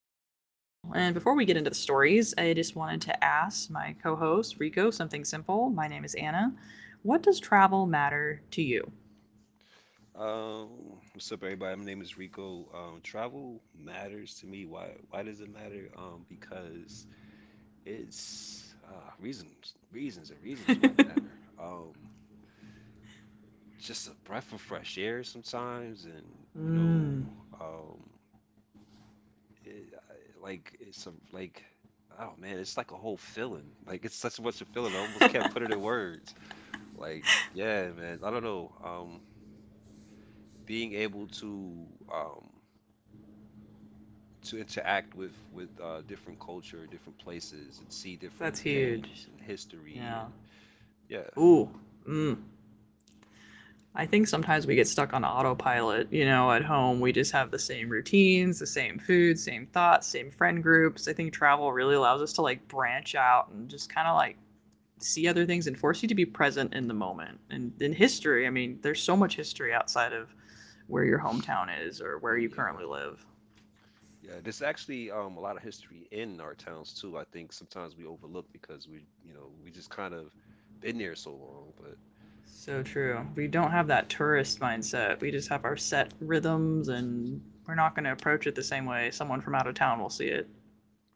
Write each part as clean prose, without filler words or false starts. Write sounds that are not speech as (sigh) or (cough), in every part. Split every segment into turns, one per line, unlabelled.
about travel. And before we get into the stories, I just wanted to ask my co host, Rico, something simple. My name is Anna. What does travel matter to you?
What's up, everybody? My name is Rico. Travel matters to me. Why? Why does it matter? Because it's reasons, reasons, and reasons why it matter. Just a breath of fresh air sometimes, and um, it, I- like it's a like, oh man, it's like a whole feeling. Like it's such a much a feeling. I almost can't put it in words. Like, yeah, man. I don't know. Being able to um to interact with different culture, different places, and see
That's
different
huge.
things and history,
Yeah.
and yeah.
Ooh. Mm. I think sometimes we get stuck on autopilot. You know, at home, we just have the same routines, the same food, same thoughts, same friend groups. I think travel really allows us to like branch out and just kind of like see other things and force you to be present in the moment. And in history, I mean, there's so much history outside of where your hometown is or where
Oh
you
yeah,
currently live.
yeah. There's actually a lot of history in our towns too. I think sometimes we overlook because we you know we just kind of been there so long, but.
So true. We don't have that tourist mindset. We just have our set rhythms and we're not going to approach it the same way someone from out of town will see it.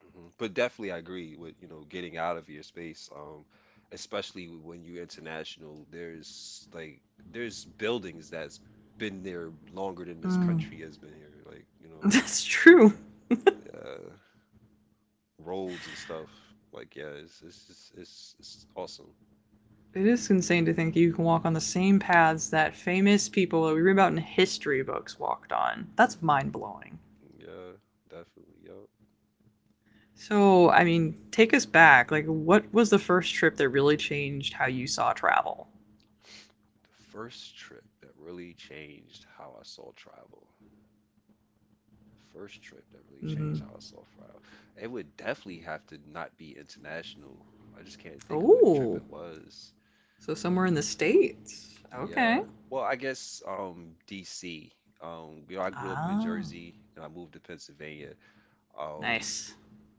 Mhm. But definitely I agree with getting out of your space, especially when you're international. There's buildings that's been there longer than this
Mm.
country has been here. Like, you
(laughs)
know.
That's true.
Yeah. Roads and stuff. Like, yeah, it's awesome.
It is insane to think you can walk on the same paths that famous people that we read about in history books walked on. That's mind blowing.
Yeah, definitely. Yup, yup.
So, I mean, take us back. Like, what was the first trip that really changed how you saw travel?
The first trip that really changed how I saw travel. The first trip that really changed how
Mm-hmm.
I saw travel. It would definitely have to not be international. I just can't think of which trip
Oh,
it was.
so somewhere in the States.
Yeah.
Okay.
Well, I guess DC. I grew up in
Ah,
Jersey and I moved to Pennsylvania. Um,
nice.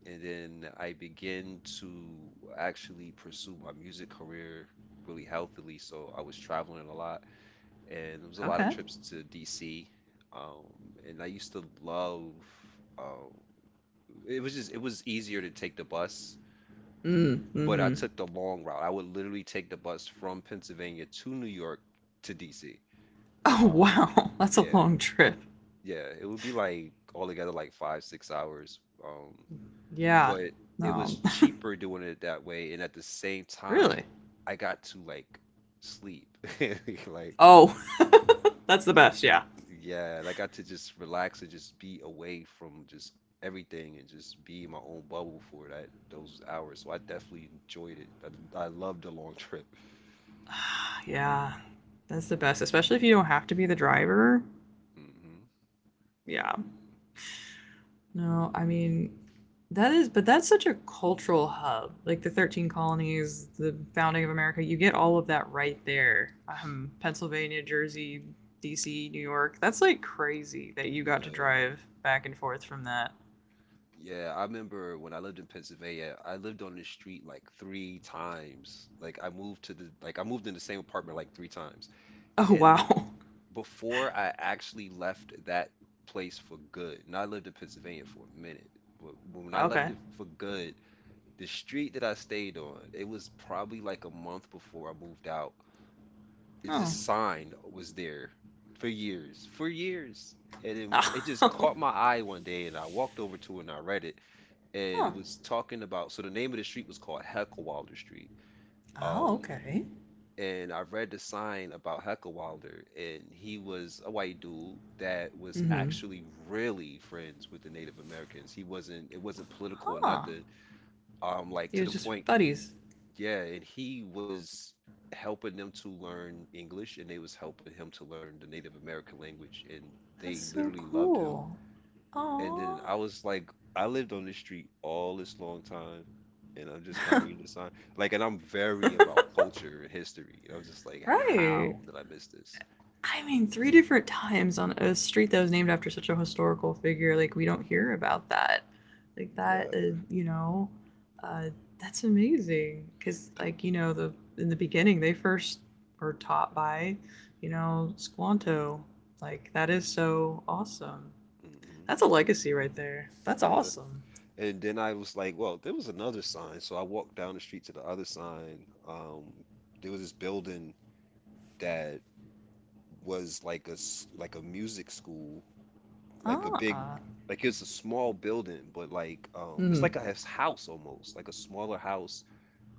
and then I began to actually pursue my music career really healthily. So I was traveling a lot, and there was a lot of
Okay.
trips to DC. Um, and I used to love. Um, it was easier to take the bus,
Mm,
but I
mm-hmm.
took the long route. I would literally take the bus from Pennsylvania to New York to DC.
Oh,
Um,
wow. (laughs) That's a
yeah,
long trip.
yeah, it would be like altogether like 5, 6 hours. Um,
Yeah.
but it was
No,
cheaper doing it that way, and at the same time,
(laughs) really?
I got to like sleep. (laughs) Like,
Oh, (laughs) that's the
y-
best. Yeah.
yeah, and I got to just relax and just be away from just everything and just be in my own bubble for that those hours. So I definitely enjoyed it. I loved the long (laughs) trip.
Yeah. That's the best, especially if you don't have to be the driver.
Hmm.
Yeah. No, I mean, that is, but that's such a cultural hub. Like the 13 colonies, the founding of America, you get all of that right there. Pennsylvania, Jersey, DC, New York. That's like crazy that you got to
Yeah.
drive back and forth from that.
Yeah, I remember when I lived in Pennsylvania, I lived on the street like three times. Like, I moved in the same apartment like three times
Oh, wow. (laughs)
before I actually left that place for good. And I lived in Pennsylvania for a minute, but when I left
Okay.
it for good, the street that I stayed on, it was probably like a month before I moved out. It
Oh.
just sign was there for years, and it just
Oh.
caught my eye one day, and I walked over to it and I read it,
(laughs)
and it
huh.
was talking about. So the name of the street was called Heckelwalder Street.
Oh,
Um
okay.
and I read the sign about Heckelwalder, and he was a white dude that was
Mm hmm.
actually really friends with the Native Americans. He wasn't, It wasn't political or
Huh.
nothing. Like,
He
to the
was
point,
just buddies.
yeah, and he was helping them to learn English, and they was helping him to learn the Native American language, and
That's
they
so
literally loved him.
cool.
And
Aw.
then I was like, I lived on this street all this long time, and I'm just not reading the sign. Like, and I'm very about culture and history. And I was just like, how
Right.
did I miss this?
I mean, three different times on a street that was named after such a historical figure. Like, we don't hear about that. Like, that,
Yeah.
uh, you know, uh, that's amazing. Because, like, you know, the in the beginning, they first were taught by, you know, Squanto. Like, that is so awesome.
Hmm.
That's a legacy right there. That's
Yeah.
awesome.
And then I was like, well, there was another sign. So I walked down the street to the other sign. There was this building that was like a music school, like a big,
Ah.
like it's a small building, but it's
Hmm.
like a house almost, like a smaller house,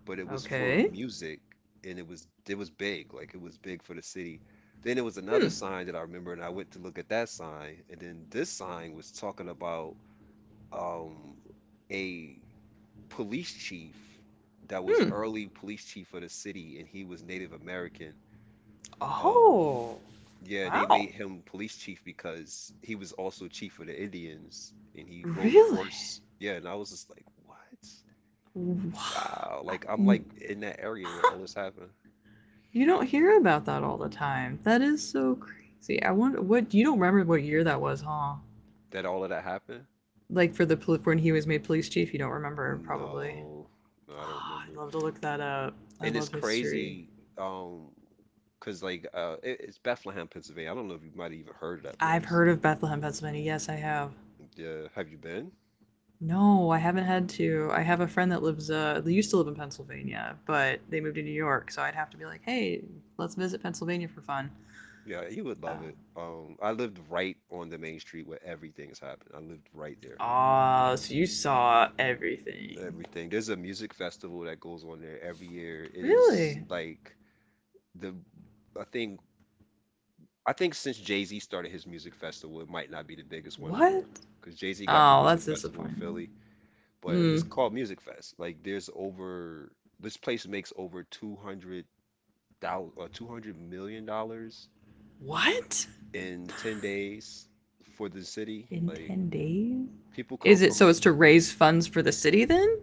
but it was for
Okay.
music, and it was big, like it was big for the city. Then there was another
Hmm.
sign that I remember, and I went to look at that sign, and then this sign was talking about um a police chief that was
Hmm.
early police chief of the city, and he was Native American. um
Oh.
yeah, they
Wow.
made him police chief because he was also chief of the Indians, and he rode the
Really?
horse. Yeah. And I was just like, what?
Wow.
Wow. Like, I'm like in that area where all this happened.
You don't hear about that all the time. That is so crazy. I wonder what you don't remember what year that was, huh?
That all of that happened?
Like for the when he was made police chief, you don't remember probably.
No, no, I don't
Ah, I'd
remember.
love to look that up. I
And it's
love history.
crazy, um, cause it's Bethlehem, Pennsylvania. I don't know if you might have even heard of that
I've
place.
heard of Bethlehem, Pennsylvania. Yes, I have.
Yeah, have you been?
No, I haven't had to. I have a friend that lives they used to live in Pennsylvania, but they moved to New York, so I'd have to be like, "Hey, let's visit Pennsylvania for fun."
Yeah, you would
Uh,
love it. I lived right on the main street where everything is happening. I lived right there.
Ah, so you saw everything.
Everything. There's a music festival that goes on there every year. It is
Really?
like the I think I think since Jay-Z started his music festival, it might not be the biggest one no
What?
more. Because Jay-Z got the
Oh,
music
that's
festival in
disappointing.
Philly. But
Hmm.
it's called Music Fest. Like, there's over this place makes over 200, 200 million dollars
What?
in 10 days for the city.
In
Like,
10 days?
people come
Is it
from.
so it's to raise funds for the city then?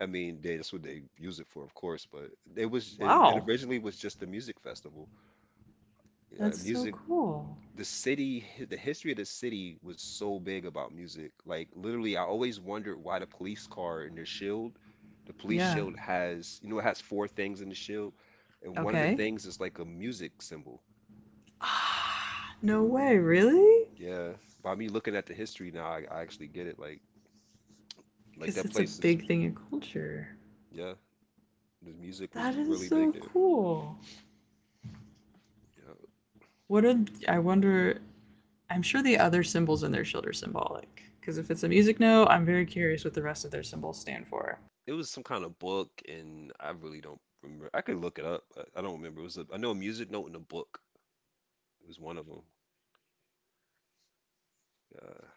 I mean, they, that's what they use it for, of course, but it
Wow.
originally was just a music festival.
That's so
Music
cool.
The city, the history of the city was so big about music. Like, literally, I always wondered why the police car and their shield, the police
Yeah.
shield has, it has four things in the shield, and one of the
Okay.
things is like a music symbol.
(sighs) Ah, no
And
way, really?
yeah, by me looking at the history now, I actually get it. Like,
Because
that
it's a
place is,
big thing in culture.
yeah, the music
That
was
is
really
so
big there.
cool.
Yeah.
I wonder, I'm sure the other symbols in their shield are symbolic. Because if it's a music note, I'm very curious what the rest of their symbols stand for.
It was some kind of book, and I really don't remember. I could look it up, but I don't remember. I know a music note in a book. It was one of them. Yeah.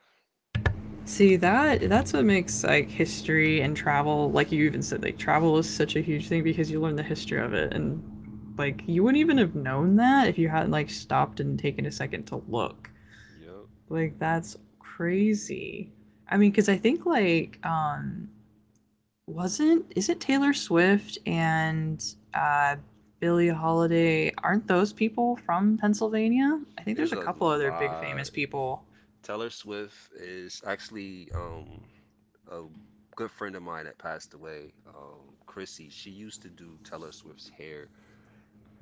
See that that's what makes like history and travel like you even said like travel is such a huge thing because you learn the history of it and like you wouldn't even have known that if you hadn't like stopped and taken a second to look.
Yep.
Like that's crazy. I mean cuz I think like wasn't is it Taylor Swift and uh Billie Holiday aren't those people from Pennsylvania? I think there's
There's
a
a
couple other big
lot.
famous people.
Taylor Swift is actually a good friend of mine that passed away, Chrissy. She used to do Taylor Swift's hair.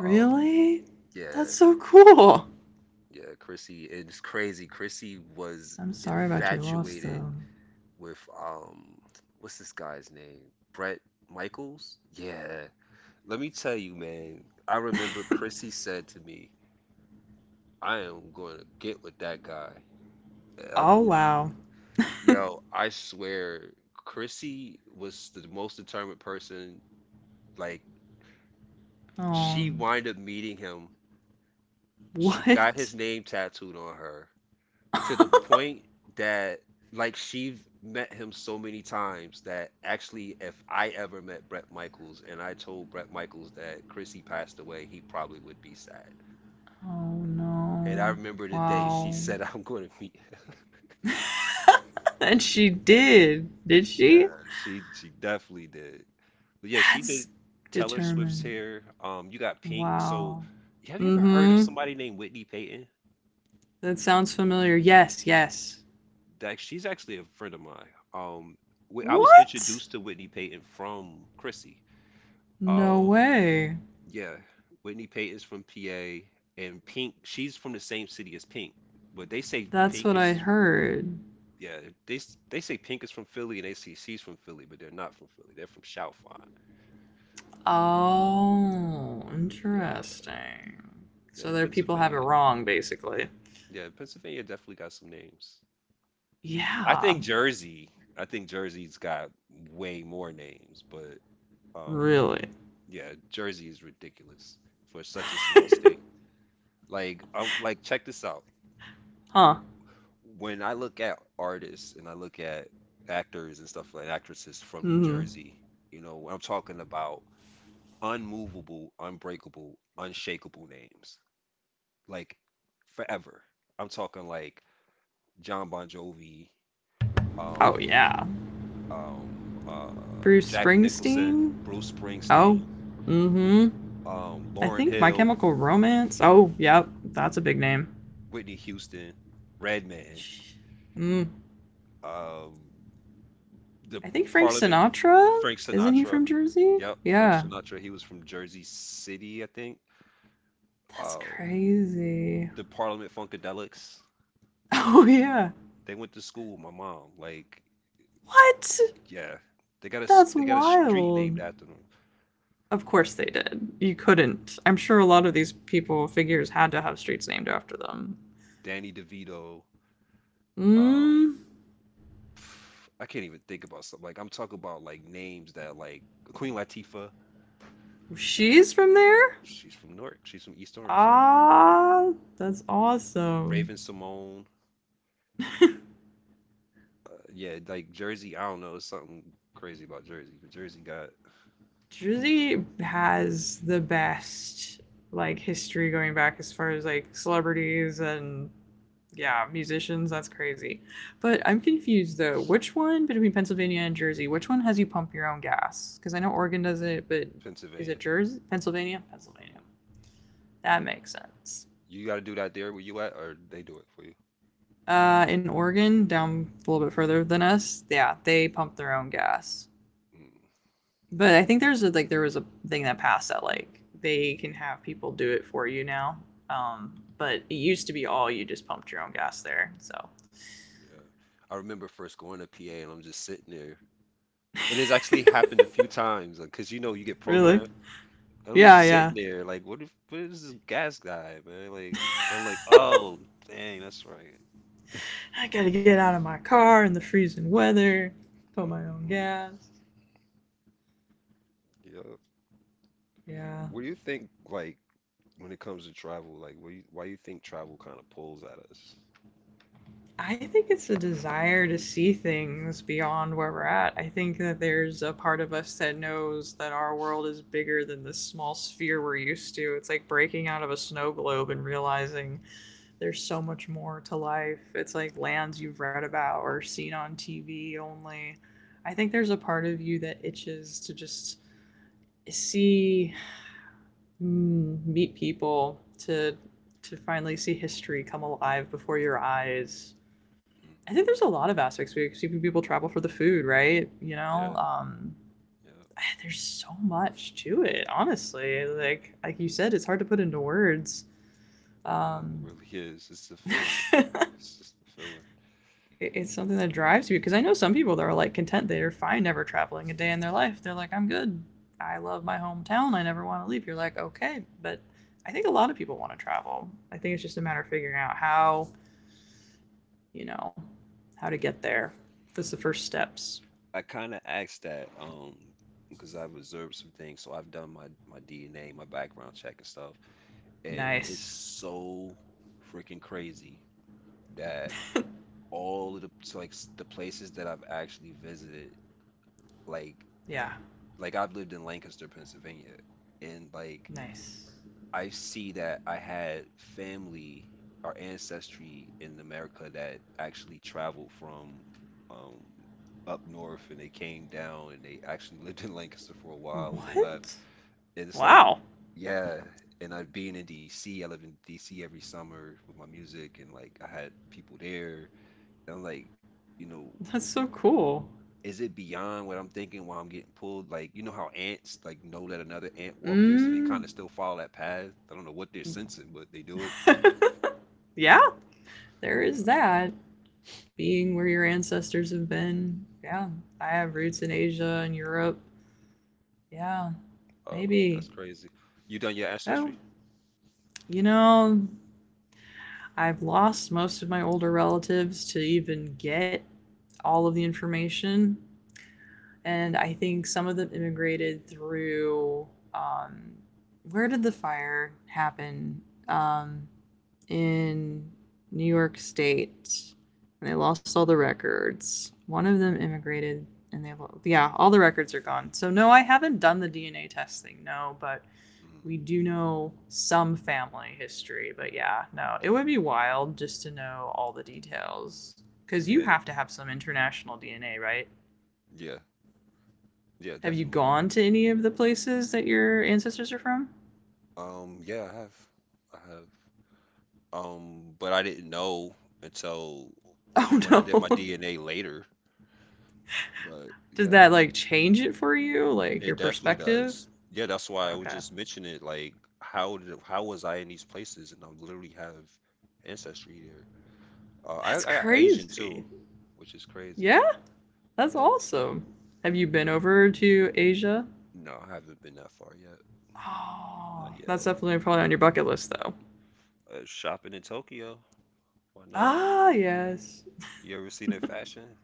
Oh,
That's
yeah.
so cool.
Yeah, Chrissy. It's crazy. Chrissy was
I'm sorry about your loss,
infatuated
though.
with what's this guy's name? Brett Michaels? Yeah. Let me tell you, man. I remember Chrissy said to me, "I am going to get with that guy." Uh,
Oh, wow.
Yo, I swear, Chrissy was the most determined person. Like,
Oh,
she wind up meeting him. She got
what?
his name tattooed on her
(laughs)
to the
oh,
point that, like, she met him so many times that actually, if I ever met Bret Michaels and I told Bret Michaels that Chrissy passed away, he probably would be sad. And I
no.
remember the day she
Wow.
said, (laughs) "I'm going to meet him."
(laughs) and she did
Yeah,
she?
she definitely did. But yeah, she
That's
did Taylor Swift's
determined.
hair. You got Pink. So,
Wow.
have you
Mm
ever heard of
hmm.
somebody named Whitney Payton?
That sounds familiar. Yes, yes.
Like, she's actually a friend of mine. Um, I was
What?
introduced to Whitney Payton from Chrissy.
No
Oh,
way.
yeah, Whitney Payton's from PA, and Pink. She's from the same city as Pink, but they say
That's
Pink
what I
is.
heard.
Yeah, they say Pink is from Philly, and they say she's from Philly, but they're not from Philly. They're from Chalfont.
Oh,
Yeah,
interesting.
yeah,
So their people have it
Pennsylvania.
wrong, basically.
Yeah, Pennsylvania definitely got some names. I
Yeah,
think Jersey. I think Jersey's got way more names, but um,
really.
yeah, Jersey is ridiculous for such a small state. Like, check this out.
Huh.
When I look at artists and I look at actors and stuff like actresses from New
Mm-hmm.
Jersey, you know, I'm talking about unmovable, unbreakable, unshakable names, like forever. I'm talking like John Bon Jovi,
Oh
um,
yeah.
um, uh,
Bruce
Jack Nicholson,
Springsteen?
Bruce
Oh.
Springsteen,
Mm-hmm. I
Lauren
think My
Hill,
Chemical Romance. Oh, yep. That's a big name.
Whitney Houston, Redman,
Mm.
um, the
I think Frank
Parliament,
Sinatra?
Frank
Isn't he
Sinatra.
from Jersey?
Yep, Frank
Yeah.
Sinatra. He was from Jersey City, I think.
That's
Uh,
crazy. (laughs)
the Parliament Funkadelics.
Oh yeah.
They went to school with my mom. Like,
What?
yeah,
That's
they got a street named
wild.
after them.
Of course they did. You couldn't. I'm sure a lot of these people figures had to have streets named after them.
Danny DeVito. Um,
Mm.
I can't even think about something like I'm talking about like names that like Queen Latifah.
She's from there?
She's from Newark. She's from East Orange. Yep.
Ah, that's awesome.
Raven Simone. Yeah, like Jersey. I don't know. It's something crazy about Jersey. But Jersey got
Jersey has the best like history going back as far as like celebrities and yeah, musicians. That's crazy. But I'm confused though. Which one between Pennsylvania and Jersey? Which one has you pump your own gas? Because I know Oregon does it, but is it
Pennsylvania.
Jersey? Pennsylvania? Pennsylvania.
Hmm.
That makes sense.
You got to do that there where you at, or they do it for you.
In Oregon, down a little bit further than us, yeah, they pump their own gas.
Mm,
But I think there's a, like there was a thing that passed that like they can have people do it for you now. But it used to be all you just pumped your own gas there. So
yeah. I remember first going to PA and I'm just sitting there. And it's actually happened a few times because you get
Really?
programmed. And I'm
Yeah,
just
yeah.
sitting there like, what if what is this gas guy, man? Like, I'm like, oh, dang, that's right.
I gotta get out of my car in the freezing weather, pump my own
Hmm.
gas.
Yeah.
Yeah.
What do you think, like, when it comes to travel, like, why you think travel kind of pulls at us?
I think it's a desire to see things beyond where we're at. I think that there's a part of us that knows that our world is bigger than this small sphere we're used to. It's like breaking out of a snow globe and realizing there's so much more to life. It's like lands you've read about or seen on TV only. I think there's a part of you that itches to just see, meet people to finally see history come alive before your eyes. I
Hmm.
think there's a lot of aspects because see people travel for the food, right?
Yeah, yeah,
Ah, there's so much to it. Honestly, like you said, it's hard to put into words.
yeah. It
Um,
really is. It's a feeling.
(laughs)
It's just a feeling.
it's something that drives you because I know some people that are like content they're fine never traveling a day in their life. They're like, I'm good. I love my hometown. I never want to leave. You're like, okay, but I think a lot of people want to travel. I think it's just a matter of figuring out how, you know, how to get
Mhm.
there. That's the first steps.
I kind of asked that because I've observed some things. So I've done my DNA, my background check and stuff, and it's
Nice.
so freaking crazy that all of the so, like s- the places that I've actually visited, like
Yeah.
like I've lived in Lancaster, Pennsylvania. And like
Nice.
I see that I had family or ancestry in America that actually traveled from um, up north, and they came down and they actually (laughs) lived in Lancaster for a while and they left.
What?
And it's like,
Wow.
yeah. And I being in DC, I live in DC every summer with my music, and like I had people there. And I'm like, you know,
That's so cool.
is it beyond what I'm thinking while I'm getting pulled? Like, you know how ants like know that another ant walked there, so they
Mm.
kind of still follow that path? I don't know what they're sensing, but they do it.
(laughs) yeah, there is that. Being where your ancestors have been. Yeah, I have roots
Uh,
in Asia and Europe.
Oh,
Yeah,
that's crazy.
maybe.
You done your ancestry?
Oh, you know, I've lost most of my older relatives to even get all of the information. And I think some of them immigrated through. Um, where did the fire happen? Um, in New York State, and they lost all the records. One of them immigrated, and yeah, all the records are gone. So no, I haven't done the DNA testing. No, but
Mm,
we do know some family history. But yeah, no, it would be wild just to know all the details because you
yeah, that,
have to have some international DNA, right?
yeah, yeah,
Have you
definitely.
gone to any of the places that your ancestors are from?
Yeah, I have. But I didn't know until
Oh
when I did my
no. (laughs)
DNA later. But
Did
yeah,
that like change it for you? Like
it
your
definitely
perspective?
does. Yeah, that's why I was
Okay.
just mentioning it. Like, how was I in these places? And I literally have ancestry there. I
That's
got Asian
crazy.
too, which is crazy.
Yeah, that's
Yep.
awesome. Have you been over to Asia?
No, I haven't been that far yet. Not
Oh, that's
yet.
definitely probably on your bucket list, though.
Shopping in Tokyo. Why not?
Ah, yes.
You ever seen their fashion?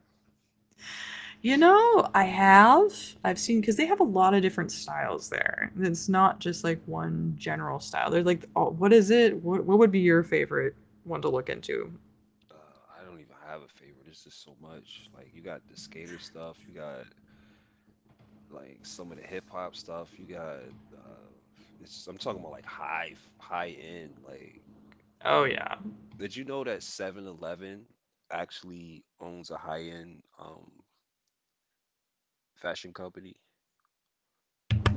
You know, I have. I've seen because they have a lot of different styles there. It's not just like one general style. They're like, oh, what is it? What would be your favorite one to look into?
I don't even have a favorite. It's just so much. Like, you got the skater stuff. You got like some of the hip hop stuff. You got uh, it's just, I'm talking about like high end like.
Oh yeah.
Did you know that 7-Eleven actually owns a high-end fashion company?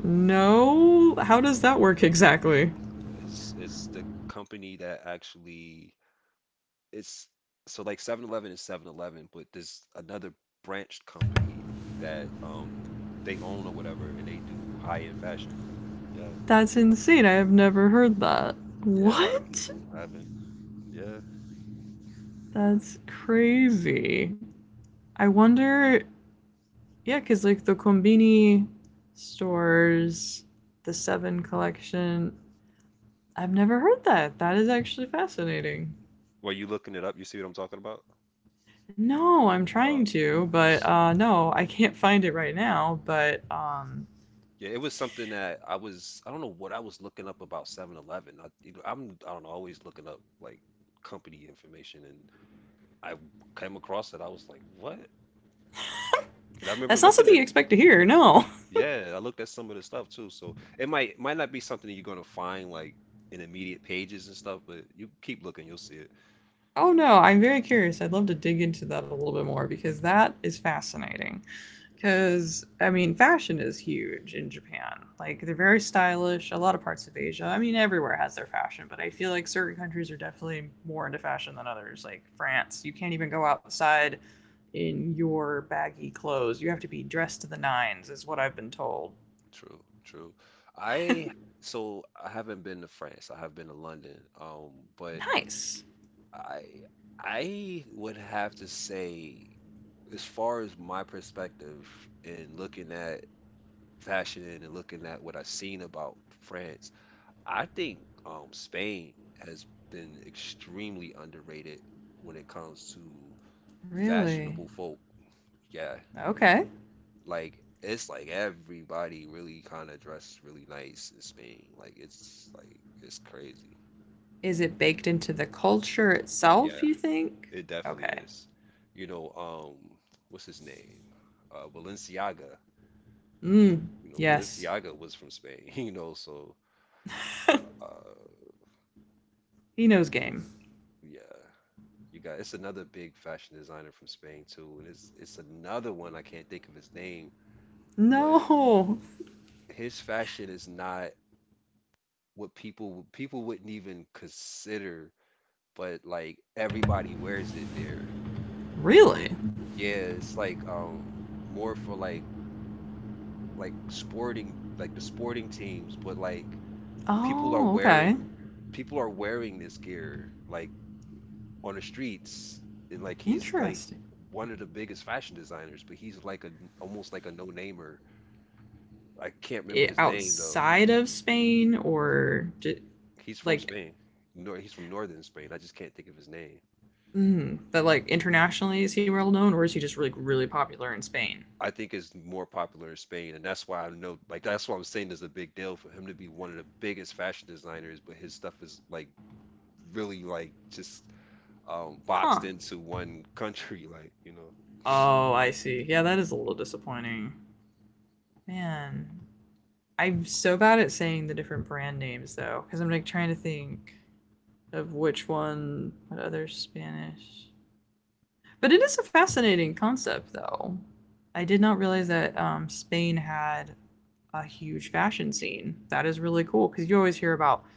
No, how does that work exactly?
It's the company that actually it's so, like 7-Eleven is 7-Eleven, but there's another branched company that they own or whatever, and they do high-end fashion. Yeah,
That's insane. I have never heard that.
yeah, a lot of
What?
people haven't. Yeah.
That's crazy. I wonder, yeah, because like the Combini stores, the Seven collection, I've never heard that. That is actually fascinating.
Well, you looking it up? You see what I'm talking about?
No, I'm
Uh,
trying to, but no, I can't find it right now. But
Yeah, it was something that I don't know what I was looking up about 711. I don't know, always looking up like company information, and I came across it. I was like, "What?" And I
that's
remember
not
looking
something you
at
expect to hear, no. (laughs)
yeah, I looked at some of the stuff too. So it might not be something that you're gonna find like in immediate pages and stuff, but you keep looking, you'll see it.
Oh no, I'm very curious. I'd love to dig into that a little bit more because that is fascinating.
Uh,
Because, I mean, fashion is huge in Japan. Like, they're very stylish. A lot of parts of Asia, I mean, everywhere has their fashion, but I feel like certain countries are definitely more into fashion than others. Like, France, you can't even go outside in your baggy clothes. You have to be dressed to the nines, is what I've been told.
True, true. I I haven't been to France. I have been to London. But
Nice.
I I would have to say, as far as my perspective, in looking at fashion and looking at what I've seen about France, I think Spain has been extremely underrated when it comes to
Really?
fashionable folk. Yeah,
Okay.
like it's like everybody really kind of dressed really nice in Spain. Like it's crazy.
Is it baked into the culture
Yeah,
itself, you think?
it definitely
Okay.
is. You know, um, what's his name? Balenciaga.
Mmm,
You know,
yes.
Balenciaga was from Spain, (laughs) you know, so uh
He knows game.
yeah. You got it's another big fashion designer from Spain too, and it's another one I can't think of his name, but
No.
his fashion is not what people wouldn't even consider, but like everybody wears it there. Um,
Really?
yeah, it's like more for like sporting, like the sporting teams, but like people are
Oh, okay.
wearing people are wearing this gear like on the streets, and like he's like
Interesting.
one of the biggest fashion designers, but he's like a almost like a no-namer. I can't
I
remember his name though.
outside of Spain or
He's from
like,
Spain. No, he's from northern Spain. I just can't think of his name.
mm, but like internationally, is he well known or is he just like really really popular in Spain?
I think it's more popular in Spain, and that's why I know, like, that's why I'm saying there's a big deal for him to be one of the biggest fashion designers, but his stuff is like really, like, just boxed
Huh.
into one (laughs) country, like, you know,
Oh, I see. Yeah, that is a little disappointing. Man, I'm so bad at saying the different brand names though, because I'm like trying to think of which one, what other Spanish. But it is a fascinating concept, though. I did not realize that Spain had a huge fashion scene. That is really cool because you always hear about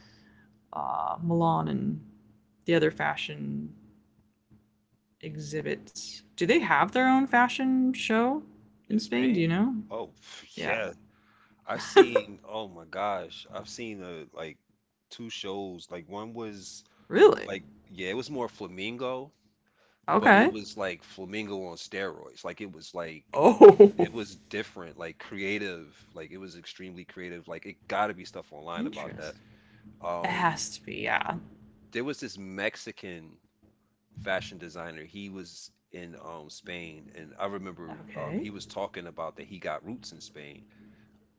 Milan and the other fashion exhibits. Do they have their own fashion show
in
in Spain? Do
Spain?
you know?
Oh, (laughs) pff,
Yeah.
yeah, I've seen, oh my gosh, I've seen like two shows. Like one was
Really?
like, yeah, it was more Flamingo, but it
Okay.
was like Flamingo on steroids. Like
Oh.
it
(laughs)
was different, like creative, like it was extremely creative. Like it gotta be stuff online about that.
Interest. It
Um,
has to be, yeah.
there was this Mexican fashion designer. He was in Spain, and I remember
Okay.
he was talking about that he got roots in Spain,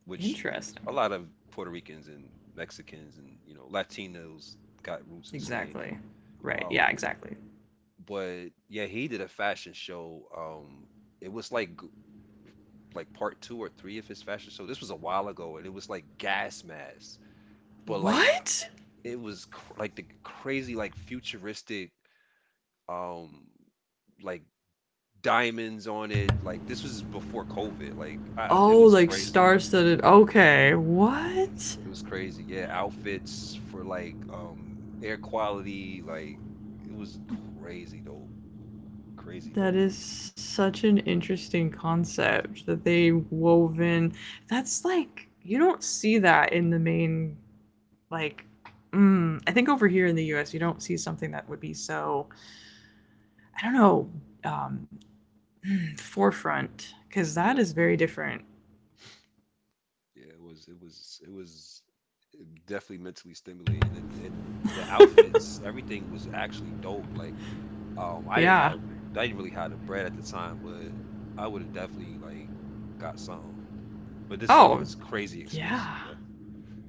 which a
Interesting.
lot of Puerto Ricans and Mexicans and you know Latinos got roots in Spain.
Exactly. Right. Yeah,
Um,
exactly.
but yeah, he did a fashion show. It was like g- like part two or three of his fashion show. This was a while ago, and it was like gas masks, but like
What?
it was cr like the crazy, like futuristic, um like diamonds on it. Like this was before COVID. It
Oh,
was
like
crazy.
star-studded. Okay, what?
It was crazy. Yeah, outfits for like air quality, like it was crazy dope. Crazy
That
dope.
is such an interesting concept that they wove in. That's like you don't see that in the main, like. Mm, I think over here in the U.S. you don't see something that would be, so I don't know, um, forefront, because that
Yeah.
is very different.
Yeah, it was definitely mentally stimulating, and the outfits, everything was actually dope. Like um I didn't have
Yeah.
I didn't really have the bread at the time, but I would have definitely like got something. But this stuff
Oh,
is crazy expensive
yeah.
though.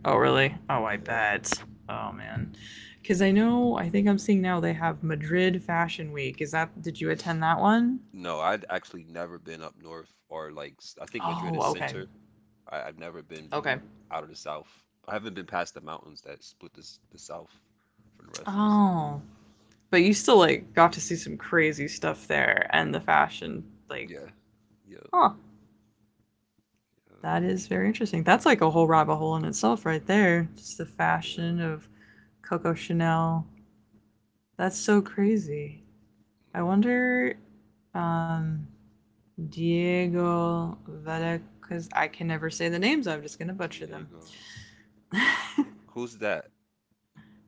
Oh, really? Oh, I
Yeah.
bet. Oh, man. Because I know, I think I'm seeing now they have Madrid Fashion Week. Is that, did you attend that one?
No, I'd actually never been up north or I think
Oh,
Madrid is
okay.
center. I've never been
Okay.
out of the South. I haven't been past the mountains that split the South from the rest of the state.
Oh. But you still, like, got to see some crazy stuff there and the fashion, like,
Yeah, yeah,
huh.
yeah,
That is very interesting. That's like a whole rabbit hole in itself, right there. Just the
yeah.
fashion of Coco Chanel. That's so crazy. I wonder, um, Diego Veda, because I can never say the names, I'm just gonna butcher
Mm,
them.
Diego,
(laughs)
who's that?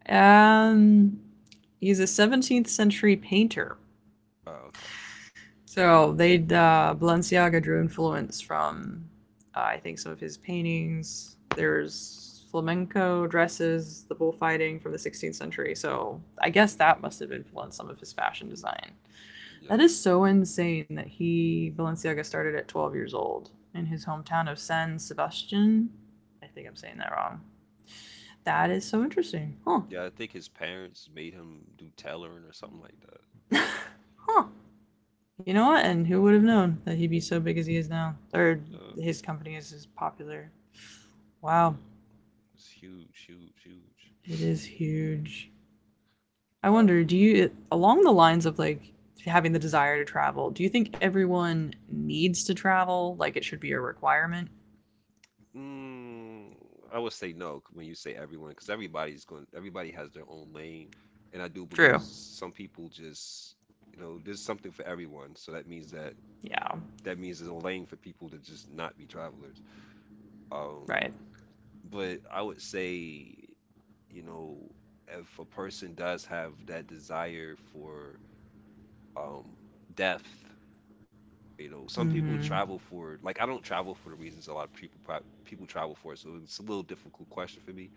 um, he's a 17th century painter.
Oh, okay.
So they Balenciaga drew influence from, I think, some of his paintings. There's flamenco dresses, the bullfighting from the 16th century. So I guess that must have influenced some of his fashion design. That
Yeah.
is so insane that he Balenciaga started at 12 years old in his hometown of San Sebastian. I think I'm saying
hmm
that wrong. That is so interesting. Huh.
Yeah, I think his parents made him do tailoring or something like that.
Huh. You know what? And who would have known that he'd be so big as he is now? Or
Yeah,
his company is as popular.
yeah.
Wow.
It's huge, huge, huge.
It is huge. I wonder, do you along the lines of like having the desire to travel, do you think everyone needs to travel? Like it should be a requirement?
Mm, I would say no when you say everyone, because everybody has their own lane, and I do believe
True.
some people just, you know, there's something for everyone. So
Yeah.
that means there's a lane for people to just not be travelers. Um,
Right.
but I would say, you know, if a person does have that desire for um depth, you know, some people
Mm-hmm.
travel for like I don't travel for the reasons a lot of people travel for, so it's a little difficult question for me.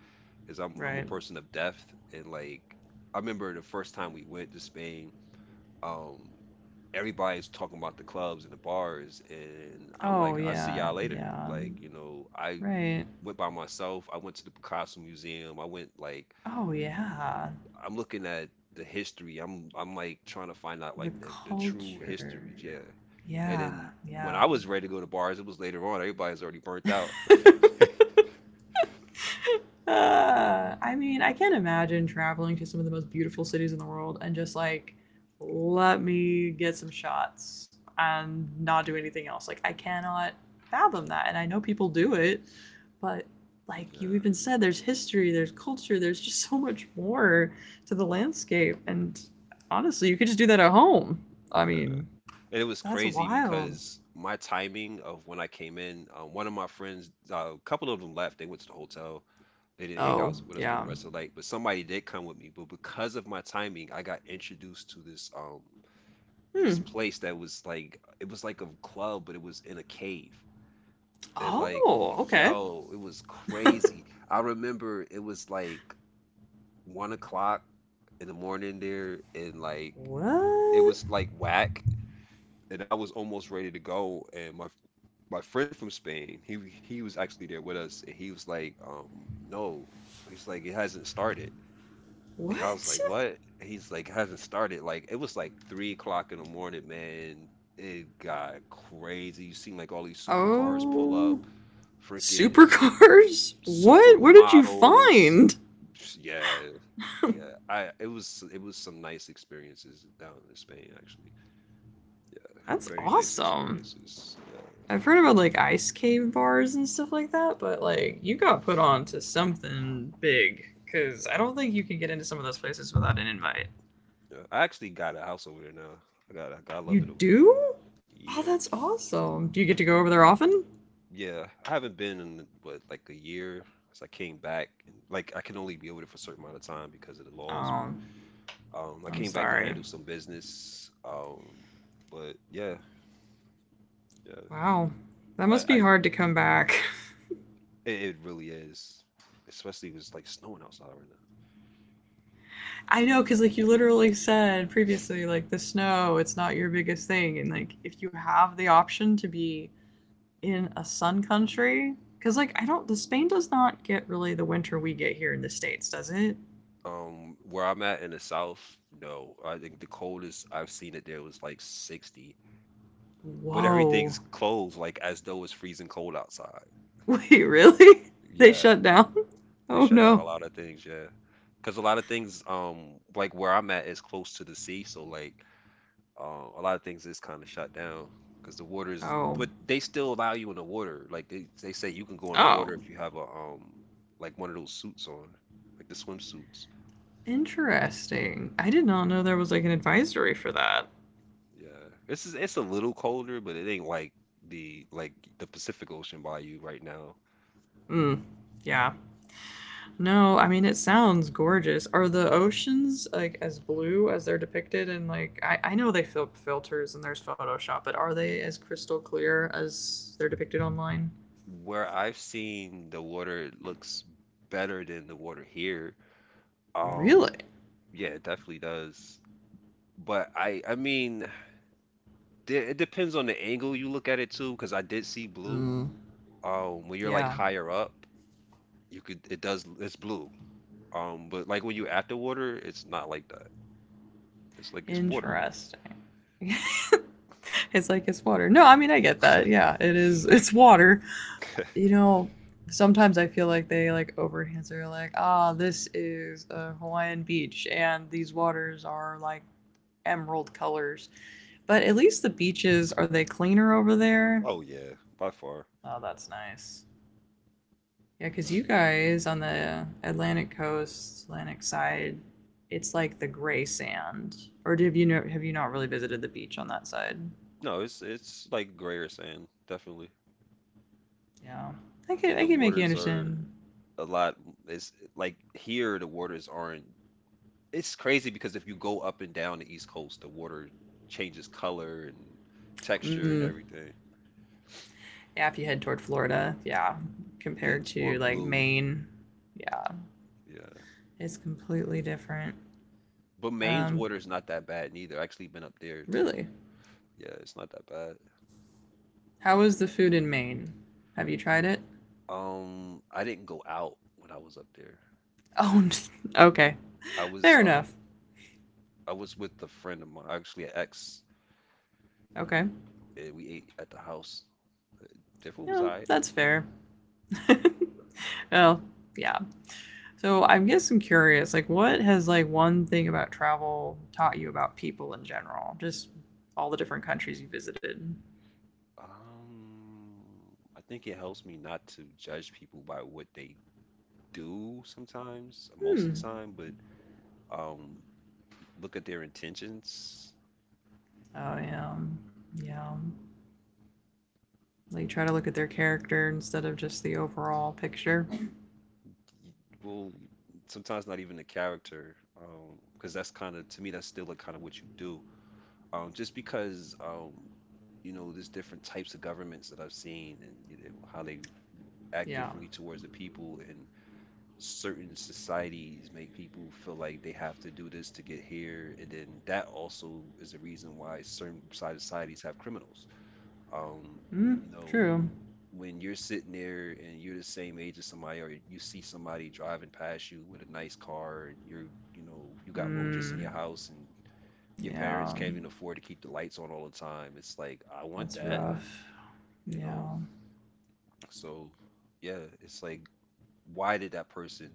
Is I'm a
Right.
person of depth, and like I remember the first time we went to Spain, um, everybody's talking about the clubs and the bars, and I'm
Oh,
like, I'll see
yeah.
y'all later.
Yeah.
Like, you know, I
Right.
went by myself, I went to the Picasso Museum, I went like
Oh, yeah.
I'm looking at the history. I'm like trying to find out like
The
the true
culture.
history, yeah. And
Yeah.
then when
Yeah.
I was ready to go to bars, it was later on. Everybody's already burnt out. (laughs)
(laughs) I mean, I can't imagine traveling to some of the most beautiful cities in the world and just, like, let me get some shots and not do anything else. Like, I cannot fathom that. And I know people do it, but like you
Yeah,
even said, there's history, there's culture, there's just so much more to the landscape. And honestly, you could just do that at home. I
yeah.
mean,
And it was
that's
crazy
wild.
because my timing of when I came in, one of my friends, a couple of them left. They went to the hotel. They didn't hang
Oh,
out with us for the
yeah.
rest of the night, but somebody did come with me. But because of my timing, I got introduced to this this
Hmm.
place that was like it was like a club, but it was in a cave. And like,
Oh, okay.
yo, it was crazy. I remember it was like 1 o'clock in the morning there, and like it
What?
was like whack, and I was almost ready to go, and my friend from Spain, he was actually there with us, and he was like, no, he's like, it hasn't started. And I was
What?
like, what? He's like, it hasn't started. Like it was like 3 o'clock in the morning, man. It got crazy. You seen like all these supercars pull
Oh,
up, freaking
supercars? What? What did you
supermodels.
find?
Yeah, yeah. I it was some nice experiences down in Spain actually.
That's
Very nice
awesome.
experiences.
I've
Yeah,
heard about like ice cave bars and stuff like that, but like you got put on to something big because I
yeah.
don't think you can get into some of those places without an invite.
Yeah, I actually got a house over there now. I
You
love it over there.
do? Oh,
Yeah,
that's awesome. Do you get to go over there often?
yeah. I haven't been in what like a year since I came back, and like I can only be over there for a certain amount of time because of the laws.
Um,
But I
I'm
came back to
sorry.
handle some business. But yeah, yeah.
Wow. That
I,
must be
I,
hard to come back.
it really is, especially because it's like snowing outside right now.
I know, because like you literally said previously, like the snow, it's not your biggest thing, and like if you have the option to be in a sun country, because like I don't, the Spain does not get really the winter we get here in the states, does it?
Where I'm at in the south, no. I think the coldest I've seen it there was like 60, but
Whoa!
everything's closed, like as though it's freezing cold outside.
Wait, really? (laughs) They
Yeah,
shut down? (laughs)
they
Oh
shut down a
no!
lot of things. Yeah, because a lot of things, like where I'm at is close to the sea, so like, a lot of things is kind of shut down because the water is.
Oh,
But they still allow you in the water. Like they say you can go in the
oh!
water if you have a like one of those suits on, like the swimsuits.
Interesting. I did not know there was like an advisory for that.
Yeah, this is it's a little colder, but it ain't like the like the Pacific Ocean by you right now.
Hmm. Yeah. No, I mean it sounds gorgeous. Are the oceans like as blue as they're depicted? And like I know they filters, and there's Photoshop, but are they as crystal clear as they're depicted online?
Where I've seen the water, it looks better than the water here. Um,
Really?
yeah, it definitely does. But I mean, it depends on the angle you look at it too, because I did see blue.
Mm,
When you're like
yeah.
higher up, it does, it's blue. But like when you at the water, it's not like that. It's like it's water.
Interesting. (laughs) It's like it's water. No, I mean I get that. Yeah, it is. It's water. You know, sometimes I feel like they like over enhance. They're like, ah, this is a Hawaiian beach, and these waters are like emerald colors. But at least the beaches, are they cleaner over there?
Oh yeah, by far.
Oh, that's nice. Yeah, because you guys on the Atlantic coast, Atlantic side, it's like the gray sand. Or have you, no, have you not really visited the beach on that side?
No, it's like grayer sand, definitely.
Yeah, I could
And
I
the
could make you
waters are
understand.
a lot. It's like here, the waters aren't. It's crazy because if you go up and down the East Coast, the water changes color and texture and
Mm.
everything.
Yeah, if you head toward Florida, yeah,
Yeah,
compared
it's more
to like
blue.
Maine, yeah,
Yeah.
it's completely different.
But Maine's
Um,
water is not that bad neither. I actually been up there too.
really,
Yeah, it's not that bad.
how is the food in Maine? Have you tried it?
I didn't go out when I was up there.
Oh, (laughs) okay.
I was
Fair
um
enough.
I was with a friend of mine, actually an ex,
Okay.
and we ate at the house. Their food was
Yeah,
I.
that's fair. (laughs) Well, yeah. So I guess I'm curious, like, what has like one thing about travel taught you about people in general? Just all the different countries you visited.
Um, I think it helps me not to judge people by what they do sometimes, most of the
Hmm.
time, but um, look at their intentions.
Oh yeah, yeah. Like try to look at their character instead of just the overall picture.
y- Well, sometimes not even the character, because that's kind of to me that's still like kind of what you do. Just because you know there's different types of governments that I've seen, and you know how they act
Yeah.
differently towards the people, and certain societies make people feel like they have to do this to get here, and then that also is a reason why certain side societies have criminals, um
Hmm.
you know,
True.
when you're sitting there and you're the same age as somebody, or you see somebody driving past you with a nice car, and you're, you know, you got roaches
Hmm.
in your house and your parents
Yeah.
can't even afford to keep the lights on all the time, it's like I want
That's
that,
rough.
you know.
Yeah.
So yeah, it's like why did that person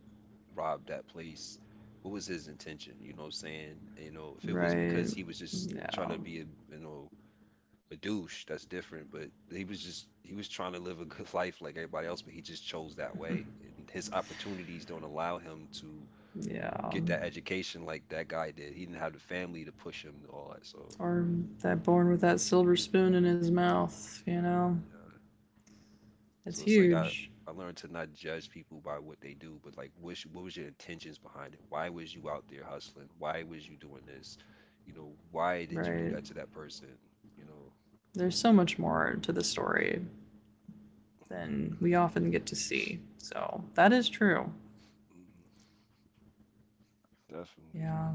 rob that place? What was his intention? You know what I'm saying? You know, if it was
Right.
because he was just trying
Yeah.
to be a, you know, a douche, that's different. But he was just he was trying to live a good (laughs) life like everybody else, but he just chose that way. And his opportunities don't allow him to
Yeah.
get that education like that guy did. He didn't have the family to push him and all that. So
Or that born with that silver spoon in his mouth, you know?
yeah.
It's
So it's like I
huge.
I learned to not judge people by what they do, but like what was your intentions behind it? Why was you out there hustling? Why was you doing this? You know, why did you do
Right.
that to that person? You know.
There's so much more to the story than we often get to see. So that is true.
(laughs) Mhm. Definitely.
Yeah.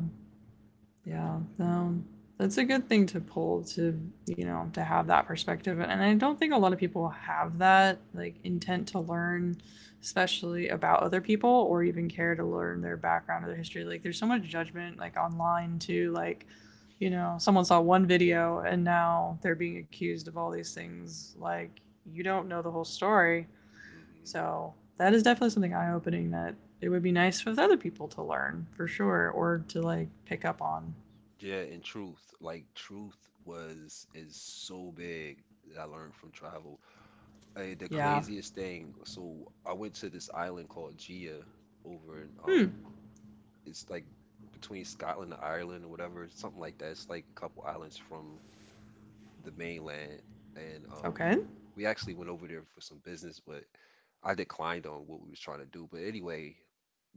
Yeah, no, that's a good thing to pull to, to have that perspective. And I don't think a lot of people have that, like, intent to learn, especially about other people or even care to learn their background or their history. Like, there's so much judgment, like, online, too. Like, someone saw one video and now they're being accused of all these things. Like, you don't know the whole story.
Definitely.
So, that is definitely something eye opening, that it would be nice for other people to learn for sure, or to, like, pick up on.
Yeah, and truth, like truth was is so big that I learned from travel. The
Yeah.
craziest thing, so I went to this island called Gia over in
Hmm.
it's like between Scotland and Ireland or whatever, something like that. It's like a couple islands from the mainland, and
Okay.
we actually went over there for some business, but I declined on what we was trying to do. But anyway,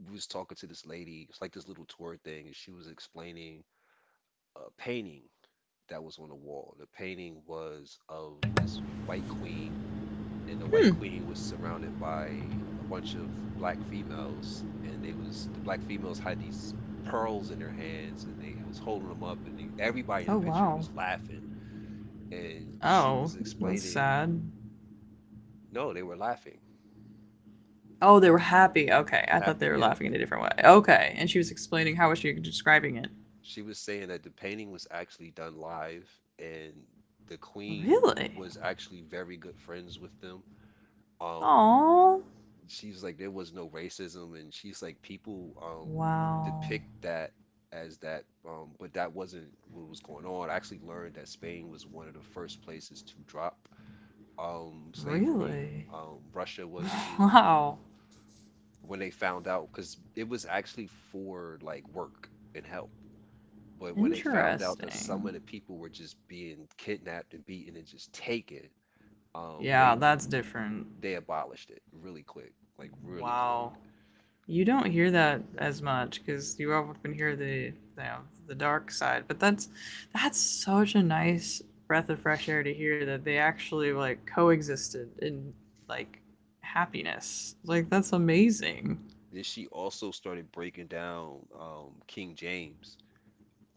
we was talking to this lady, it's like this little tour thing, and she was explaining painting that was on the wall. The painting was of this white queen, and the white
Hmm.
queen was surrounded by a bunch of black females, and the black females had these pearls in their hands, and they was holding them up, and they, everybody in the
Oh
picture
wow.
was laughing, and she
Oh,
was
that's
explaining,
sad.
no, they were laughing,
Oh, they were happy. Okay, I thought
happy,
they were
yeah.
laughing in a different way. Okay, and she was explaining, how was she describing it?
She was saying that the painting was actually done live, and the queen
Really?
was actually very good friends with them. Um,
Oh.
she's like there was no racism, and she's like people
Wow.
depict that as that, but that wasn't what was going on. I actually learned that Spain was one of the first places to drop slavery.
Really?
Russia was
(laughs)
too,
Wow.
when they found out, because it was actually for like work and help. But when they found out that some
Interesting.
of the people were just being kidnapped and beaten and just taken, um
Yeah,
they
that's different.
they abolished it really quick, like really quick.
Wow. You don't hear that as much because you often hear the, the dark side, but that's such a nice breath of fresh air to hear that they actually like coexisted in, like, happiness. Like that's amazing.
Then she also started breaking down King James.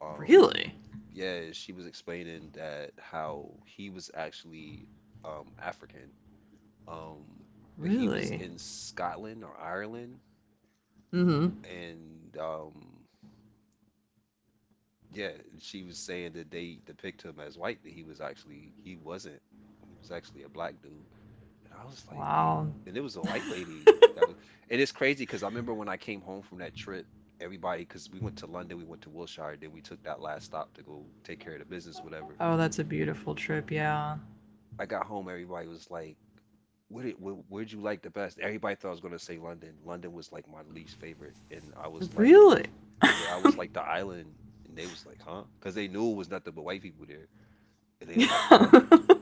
Um,
Really,
yeah, she was explaining that how he was actually African, um, but he was
really.
in Scotland or Ireland,
Mm-hmm.
and yeah, she was saying that they depict him as white, but he wasn't. He was actually a black dude. And I was like, wait.
Wow.
And it was a white lady. And it's crazy because I remember when I came home from that trip, everybody, because we went to London, we went to Wilshire, then we took that last stop to go take care of the business, whatever.
Oh, that's a beautiful trip. Yeah.
I got home, everybody was like, where'd you like the best? Everybody thought I was going to say London. London was like my least favorite. And I was like,
Really.
yeah, I was like the island. And they was like, huh? Because they knew it was nothing but white people there. And they was like, huh?
Yeah. (laughs)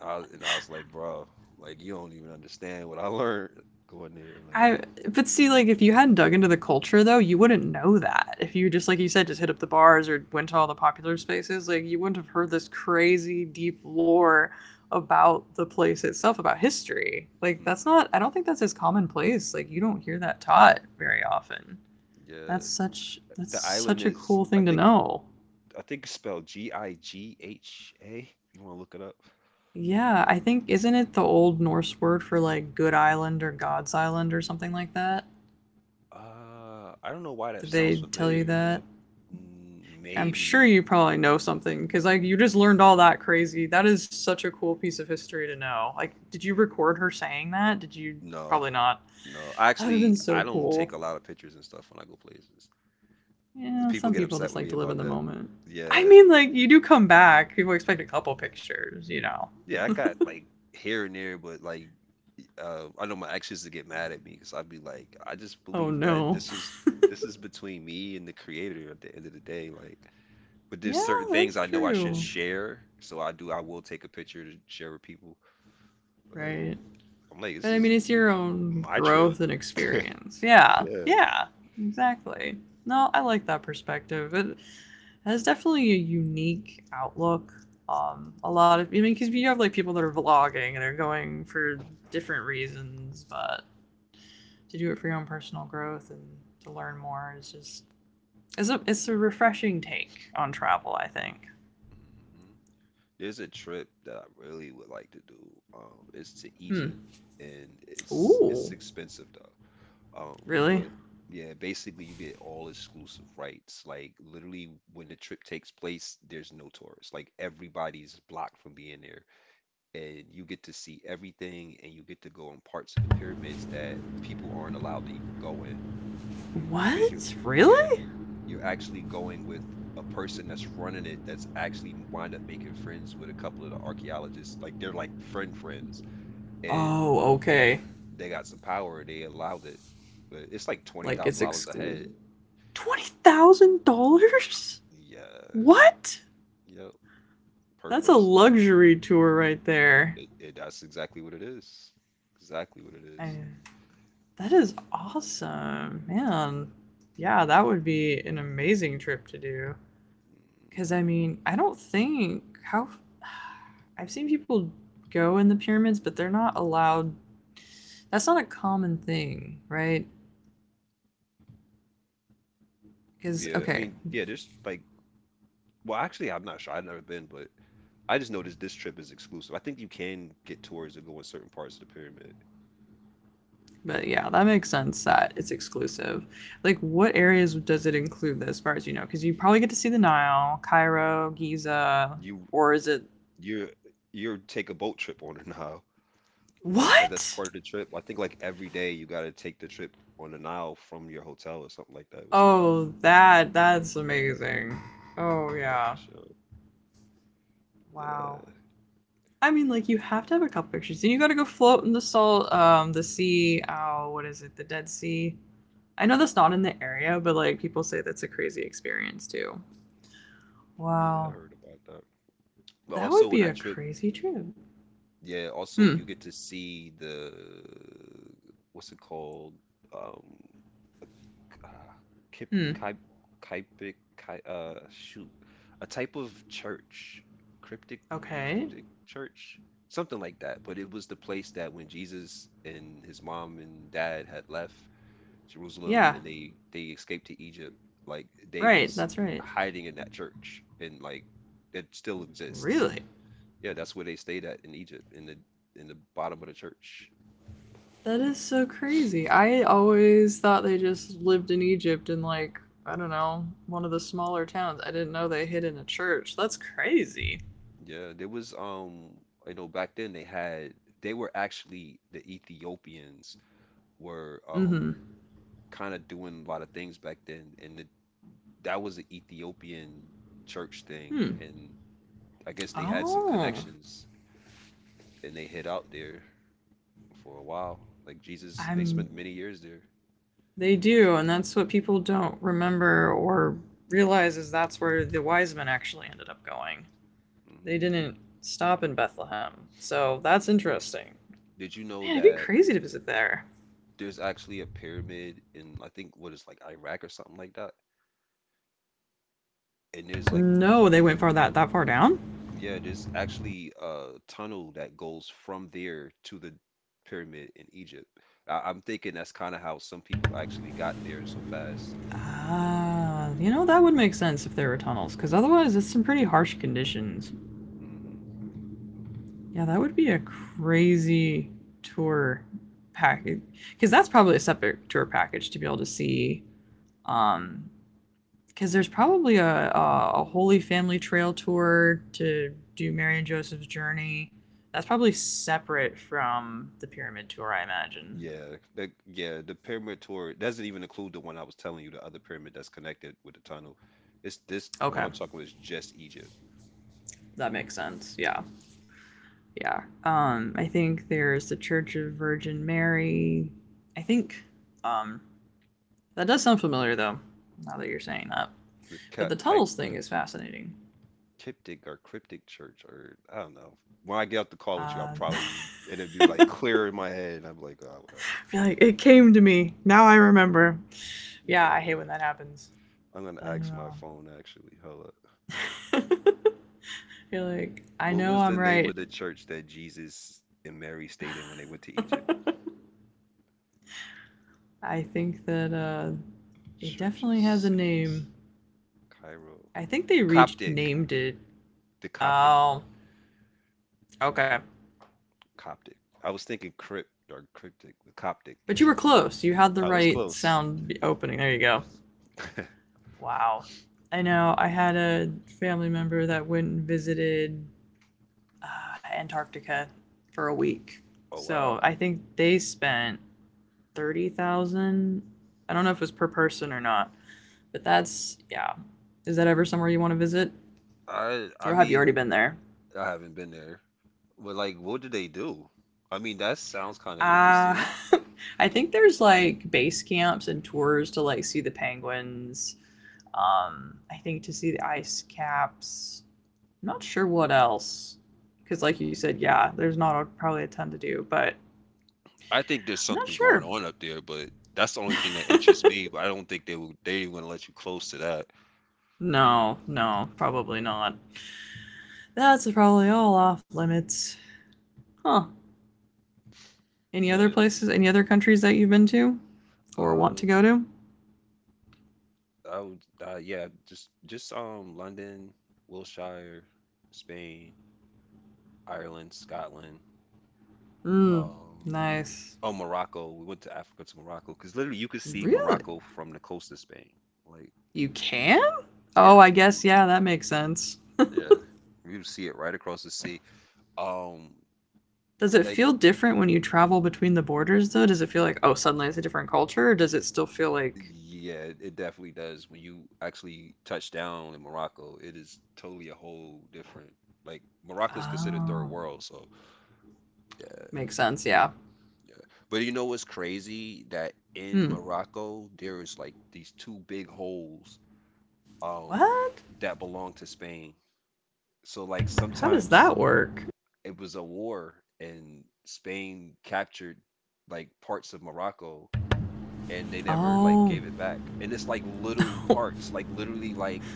And I was like, bro, like, you don't even understand what I (laughs) learned going there. Like,
I But see, like, if you hadn't dug into the culture though, you wouldn't know that. If you just like you said just hit up the bars or went to all the popular spaces, like you wouldn't have heard this crazy deep lore about the place itself, about history. Like that's
mhm.
not, I don't think that's as commonplace. Like you don't hear that taught very often.
Yeah.
That's such that's
The island
such a
is
cool thing to know.
I think it's spelled Gigha. You want to look it up?
Yeah, I think isn't it the old Norse word for like good island or God's island or something like that?
I don't know why that
Did
sounds
they tell you
familiar,
that?
but mm,
I'm
maybe.
sure you probably know something because like you just learned all that crazy. That is such a cool piece of history to know. Like, did you record her saying that? Did you,
No,
probably not?
no. I
That'd have
actually,
been so
I don't take
cool.
a lot of pictures and stuff when I go places. 'Cause
Yeah,
people
some
get
people
upset
just
with
like
me
to live
about
in the
that.
moment. I
Yeah,
mean, like you do come back. People expect a couple pictures.
yeah. I got like here and there, but like, I know my exes used to get mad at me because I'd be like, I just
Oh
believe that
no.
this is between me and the creator at the end of the day. Like, but there's certain
Yeah,
things
that's
I know I should
true.
share, so I do. I will take a picture to share with people. But
Right.
I'm like, this
But I
is
mean, it's your own
my trip.
growth and experience. Yeah.
Yeah.
Yeah. Exactly. No, I like that perspective. It has definitely a unique outlook. A lot of, I mean, because you have like people that are vlogging and they're going for different reasons, but to do it for your own personal growth and to learn more is just, it's a refreshing take on travel, I think.
Hmm. There's a trip that I really would like to do. It's to Egypt,
Hmm.
and it's
Ooh.
expensive though. Um,
Really?
but yeah, basically you get all exclusive rights. Like literally, when the trip takes place, there's no tourists. Like everybody's blocked from being there, and you get to see everything, and you get to go in parts of the pyramids that people aren't allowed to even go in, because you
What?
yeah,
Really?
you're actually going with a person that's running it, that's actually wind up making friends with a couple of the archaeologists, like they're like friends, and
Oh, okay.
they got some power and they allowed it, but it's like twenty
Like it's
thousand dollars a head.
exclusive. $20,000?
Yeah,
What?
yep, per
That's a
person.
luxury tour right there.
It That's exactly what it is, exactly what it
I,
is.
That is awesome, man. Yeah, that would be an amazing trip to do.
Mm.
Because, I mean, I don't think, how (sighs) I've seen people go in the pyramids, but they're not allowed. That's not a common thing, right?
Yeah, I mean,
Because,
yeah,
okay,
there's like well, actually, I'm not sure. I've never been, but I just noticed this trip is exclusive. I think you can get tours and go in certain parts of the pyramid.
but yeah, that makes sense that it's exclusive. Like, what areas does it include as far as you know? Because you probably get to see the Nile, Cairo, Giza,
You
or is it.
you're you're take a boat trip on the (laughs) Nile. Like that's part
What?
of the trip. I think like every day you gotta take the trip on the Nile from your hotel or something like that. I was saying.
Oh, that's amazing. Oh
Yeah, for
yeah.
sure.
Wow.
Yeah,
I mean, like you have to have a couple pictures, and you got to go float in the salt, the sea. Oh, what is it? The Dead Sea. I know that's not in the area, but like people say that's a crazy experience too.
yeah, I
Wow,
heard about that. But
that would
also on
be a
that trip,
crazy trip.
yeah, also
Hmm.
you get to see the, what's it called? Um, uh, Kip,
Hmm.
Kai, Kaipik, Kai, shoot, a type of church, cryptic,
Okay.
cryptic church, something like that. But it was the place that when Jesus and his mom and dad had left Jerusalem
Yeah.
and they escaped to Egypt, like they
Right.
was
That's right.
hiding in that church, and like it still exists.
Really.
Yeah, that's where they stayed at in Egypt, in the bottom of the church.
That is so crazy. I always thought they just lived in Egypt in, like, I don't know, one of the smaller towns. I didn't know they hid in a church. That's crazy.
Yeah, there was I know back then they had, they were actually the Ethiopians were
Mm-hmm.
kind of doing a lot of things back then, and that was the Ethiopian church thing,
Hmm.
and I guess they had some
Oh.
connections, and they hid out there for a while. Like Jesus, they
I'm
spent many years there in
They
that
do, and
church.
that's what people don't remember or realize is that's where the wise men actually ended up going.
Hmm.
They didn't stop in Bethlehem. So that's interesting.
Did you know
Man, it'd be
that
crazy to visit there.
there's actually a pyramid in I think what is like Iraq or something like that? And there's like,
No, they went far, that far down?
yeah, there's actually a tunnel that goes from there to the pyramid in Egypt. I'm thinking that's kind of how some people actually got there so fast.
That would make sense if there were tunnels, because otherwise, it's some pretty harsh conditions.
Hmm.
Yeah, that would be a crazy tour package, because that's probably a separate tour package to be able to see. Um, because there's probably a Holy Family Trail tour to do Mary and Joseph's journey. That's probably separate from the pyramid tour, I imagine.
Yeah, the pyramid tour doesn't even include the one I was telling you, the other pyramid that's connected with the tunnel. It's this one
Okay,
I'm talking about is just Egypt.
that makes sense. Yeah. Yeah. I think there's the Church of Virgin Mary. I think um, that does sound familiar, though, now that you're saying that.
The
But
ca-
the
ki-
Tuttles thing is fascinating.
Cryptic or cryptic church, or I don't know. When I get off the call with you, I'll
(laughs)
probably
I
it'll be like clear in my head, and I'm like, oh, whatever.
feel like it came to me. Now I remember. Yeah, I hate
Yeah,
when that happens.
I'm gonna
I
ask my
know.
phone actually. Hello.
(laughs) I feel like I
What
know
was
I'm
the name of
right.
the church that Jesus and Mary stayed in when they went to Egypt?
I think that it
Church of
definitely has a
Saints,
name.
Cairo,
I think they reached
Coptic,
named it.
the Coptic,
Oh, okay.
Coptic. I was thinking crypt or cryptic, the Coptic.
But
Yeah,
you were close. You had the
I was
right
close. (laughs)
sound opening. There you go. Wow. I know. I had a family member that went and visited Antarctica for a week.
Oh wow.
So I think they spent 30,000. Dollars. I don't know if it was per person or not, but that's yeah. Is that ever somewhere you want to visit,
I
or have you already
mean
been there?
I haven't been there, but like, what do they do? I mean, that sounds kind of
Uh,
interesting.
(laughs) I think there's like base camps and tours to like see the penguins. I think to see the ice caps. I'm not sure what else, because like you said, yeah, there's not a, probably a ton to do, but
I think there's
I'm not
something going
sure.
on up there, but that's the only thing that interests me. But I don't think they would let you close to that.
No, no, probably not. That's probably all off limits. Huh. Any other
Yeah.
places, any other countries that you've been to or want to
Um,
go to?
I would, yeah, just London, Wiltshire, Spain, Ireland, Scotland,
Mmm,
um
nice.
oh, Morocco. We went to Africa to Morocco because literally you could see
Really?
Morocco from the coast of Spain. Like
You can?
yeah,
Oh, I guess, yeah, that makes sense.
yeah, you would see it right across the sea. Um,
Does it
like
feel different when you travel between the borders, though? Does it feel like, oh, suddenly it's a different culture? Or does it still feel like,
yeah, it definitely does. When you actually touch down in Morocco, it is totally a whole different. Like Morocco's considered third
oh,
world, so
makes sense, yeah.
yeah. But you know what's crazy? That in
Hmm.
Morocco, there is like these two big holes um
What?
that belong to Spain. So like
How does
sometimes
that work?
it was a war and Spain captured like parts of Morocco and they never like
Oh,
gave it back. And it's like little
(laughs)
parts, like literally like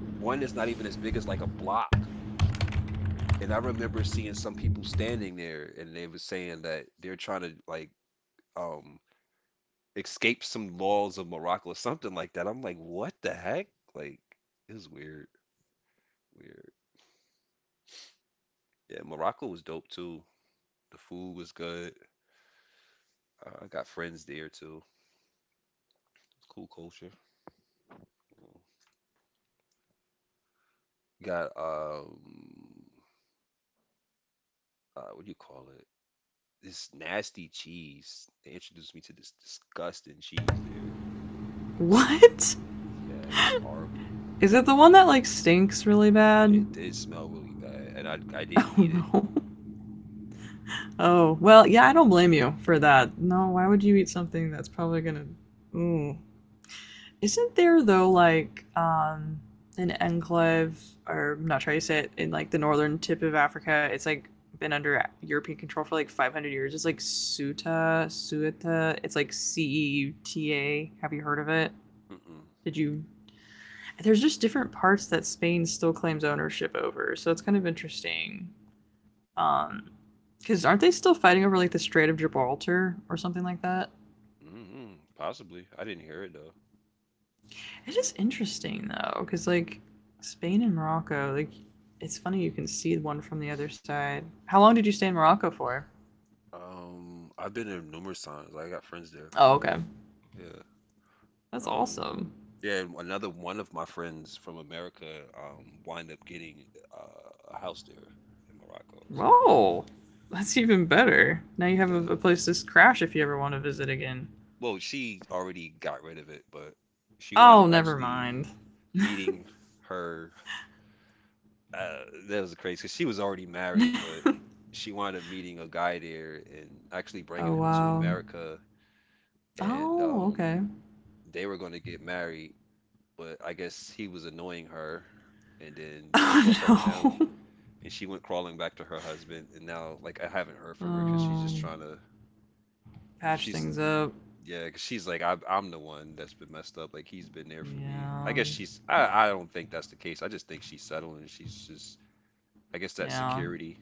one is not even as big as like a block. And I remember seeing some people standing there and they were saying that they're trying to like um escape some laws of Morocco or something like that. I'm like, what the heck? Like, it was weird, weird. Yeah, Morocco was dope too. The food was good. I got friends there too. Cool culture. Got what do you call it? This nasty cheese. They introduced me to this disgusting cheese there.
what?
Yeah, it was horrible.
Is it the one that, like, stinks really bad?
It did smell really bad, and I
(laughs)
didn't
Oh,
eat it.
no. Oh, well, yeah, I don't blame you for that. No, why would you eat something that's probably gonna. Ooh, isn't there though like an enclave or not sure how say it in like the northern tip of Africa? It's like been under European control for like 500 years. It's like Suta, Sueta. It's like Ceuta. Have you heard of it?
Mm-mm.
Did you? There's just different parts that Spain still claims ownership over, so it's kind of interesting. Um, because aren't they still fighting over like the Strait of Gibraltar or something like that?
Mm-hmm. Mm-hmm. Possibly. I didn't hear it though.
It is interesting though, because like Spain and Morocco, like it's funny you can see the one from the other side. How long did you stay in Morocco for?
I've been there numerous times. I got friends there.
Oh, okay.
Yeah.
That's
Um,
awesome.
yeah, and another one of my friends from America wind up getting a house there in Morocco too.
Whoa, that's even better. Now you have
Yeah.
a place to crash if you ever want to visit again.
Well, she already got rid of it, but she wound
Oh,
up
never
actually
mind.
meeting her. Uh, that was crazy because she was already married, but she wound up meeting a guy there and actually
Oh
bringing him to
wow.
America, and
Oh, okay.
they were going to get married, but I guess he was annoying her, and then she
Oh
broke up with him,
no.
and she went crawling back to her husband, and now like I haven't
(laughs)
heard from her because she's just
um,
trying to,
patch
she's
things up.
yeah, 'cause she's like I'm the one that's been messed up, like he's been there for me. I
Yeah.
guess she's I don't think that's the case. I just think she's settling, and she's just I guess that
Yeah.
security.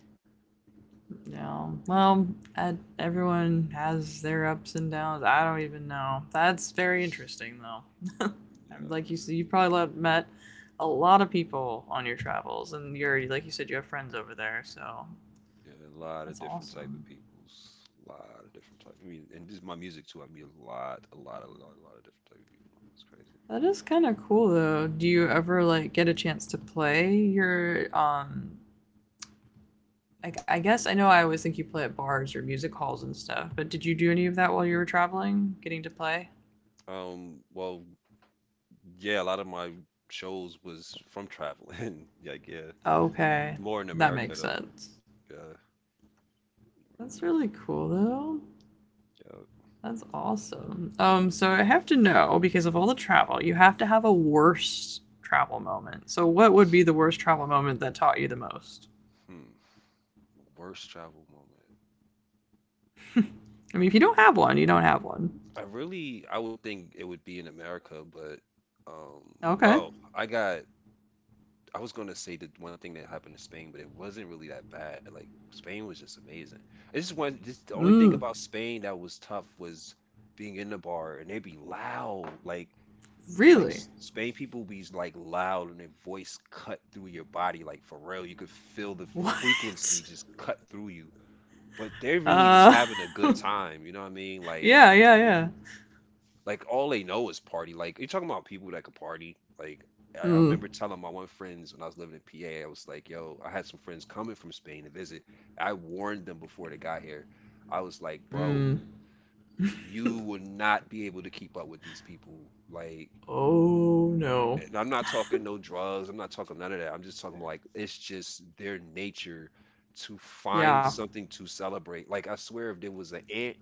Yeah, well, I, everyone has their ups and downs. I don't even know. That's very interesting, though. Like
Yeah,
you said, you probably met a lot of people on your travels, and you're like you said, you have friends over there. So
yeah, a lot
that's
of different type
awesome.
of peoples, a lot of different type. I mean, and this is my music too. I mean, a lot of different type of people. It's crazy.
That is kind of cool, though. Do you ever like get a chance to play your? Like I guess I know I always think you play at bars or music halls and stuff, but did you do any of that while you were traveling, getting to play?
Well, yeah, a lot of my shows was from traveling. (laughs) Like, yeah,
Okay,
more in
that
America
makes
though.
sense.
Yeah, more
That's
in America.
really cool though.
Yeah.
That's awesome. So I have to know because of all the travel, you have to have a worst travel moment. So what would be the worst travel moment that taught you the most?
Hmm. Worst travel moment.
I mean, if you don't have one, you don't have one.
I really, I would think it would be in America, but um,
Okay.
oh, I got. I was gonna say the one thing that happened in Spain, but it wasn't really that bad. Like Spain was just amazing. It's just one. Just the only thing
Mm.
about Spain that was tough was being in the bar and they'd be loud. Like
Really?
Spain people be like loud and their voice cut through your body, like for real you could feel the
What?
frequency just cut through you, but they're really just
Uh.
having a good
(laughs)
time, you know what I mean,
yeah. Yeah. Yeah.
like all they know is party, like you're talking about people that could party like I
Mm.
remember telling my one friends when I was living in PA. I was like, yo, I had some friends coming from Spain to visit. I warned them before they got here. I was like, bro,
Mm.
you will not be able to keep up with these people like,
Oh no.
and I'm not talking no drugs. I'm not talking none of that. I'm just talking like it's just their nature to find
Yeah.
something to celebrate. Like I swear, if there was an ant,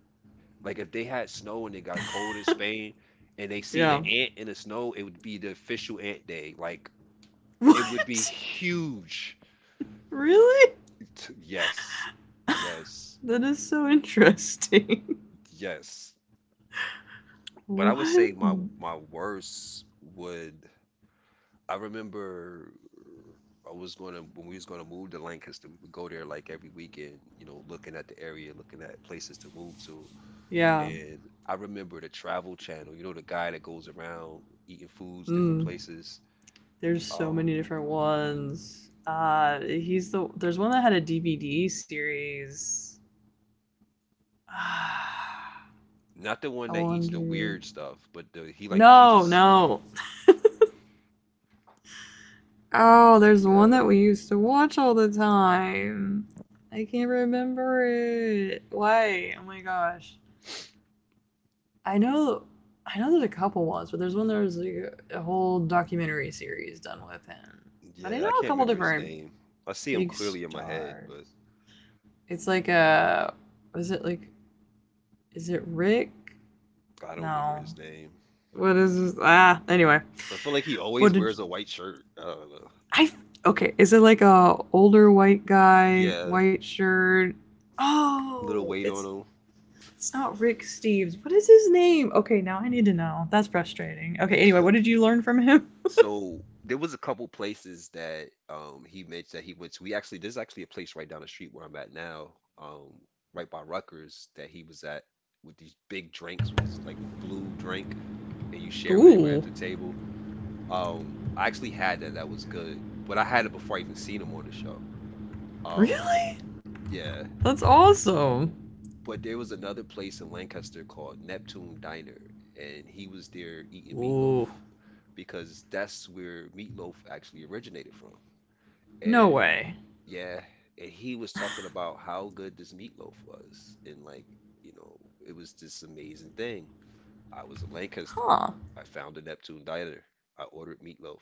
like if they had snow and it got cold in Spain, and they seen an
Yeah. (laughs)
ant in the snow, it would be the official ant day. Like it would be
What?
huge.
Really?
Yes, yes,
That is so interesting.
yes.
(laughs)
But I would
What?
say my worst would I remember I was gonna when we was gonna move to Lancaster, we would go there like every weekend, you know, looking at the area, looking at places to move to.
Yeah.
And I remember the Travel Channel, you know, the guy that goes around eating foods, different
Mm.
places.
There's so
Um,
many different ones. He's the There's one that had a DVD series. (sighs)
not the one
I
that eats the
wonder.
weird stuff, but the, he like he
No,
just
no. Oh, there's one
yeah,
that we used to watch all the time. I can't remember it. Why? Oh my gosh. I know. I know there's a couple ones, but there's like a whole documentary series done with him. But I
yeah, I
know a
can't
couple
remember his
different
name. I see him
big
clearly in my head,
stars.
but
It's like a. Is it like? Is it Rick?
I don't remember
No.
his name.
What is this? Ah. Anyway,
I feel like he
what
always
did you,
wears a white shirt. I don't know.
I? Okay, is it like a older white guy,
Yeah,
white shirt?
little
Oh,
weight on him.
it's not Rick Steves. What is his name? Okay, now I need to know. That's frustrating. Okay, anyway, what did you learn from him?
So there was a couple places that he mentioned that he went to. We actually there's actually a place right down the street where I'm at now, right by Rutgers that he was at with these big drinks with this like blue drink, and you
(laughs)
share with everybody at
Ooh,
the table. I actually had that. That was good, but I had it before I even seen him on the show. Um,
really?
yeah,
That's awesome.
but there was another place in Lancaster called Neptune Diner, and he was there eating meatloaf
Ooh,
because that's where meatloaf actually originated from.
no way.
Yeah, and he was talking about how good this meatloaf was, and like, you know, it was this amazing thing. I was in Lancaster.
Huh.
I found a Neptune diner. I ordered meatloaf.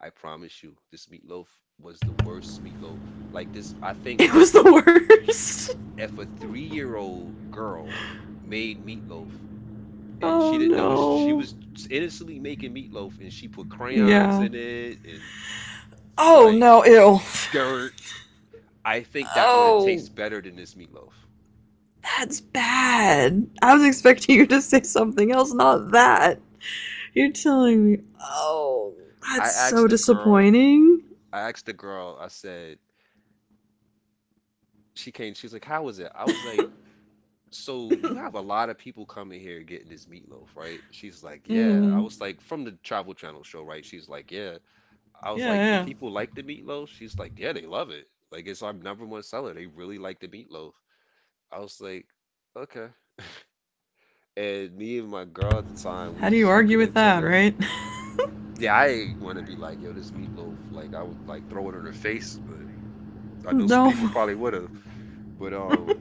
I promise you, this meatloaf was the worst meatloaf. Like this, I think
It was
like
the worst. (laughs)
if a three-year-old girl made meatloaf and
Oh
she didn't know it, she
no.
was innocently making meatloaf and she put crayons
Yeah.
in it and
Oh
like
no, ew.
dirt, I think that would have
Oh,
tasted better than this meatloaf.
that's bad. I was expecting you to say something else, not that. You're telling me, oh, that's
I
so
asked the girl,
disappointing.
I asked the girl, I said, she came, she's like, how was it? I was like, so you have a lot of people coming here getting this meatloaf, right? She's like, yeah. I
Mm.
was like, from the Travel Channel show, right? She's like, yeah. I was
Yeah,
like, the
yeah.
people like the meatloaf? She's like, yeah, they love it. Like, it's our number one seller. They really like the meatloaf. I was like, okay. And me and my girl at the time, we
How do you
just look
argue
at
with
each
that,
other.
right?
Yeah, I ain't want to be like, yo, this meatloaf, like, I would like throw it in her face, but I know some
(laughs) No.
people probably would have. But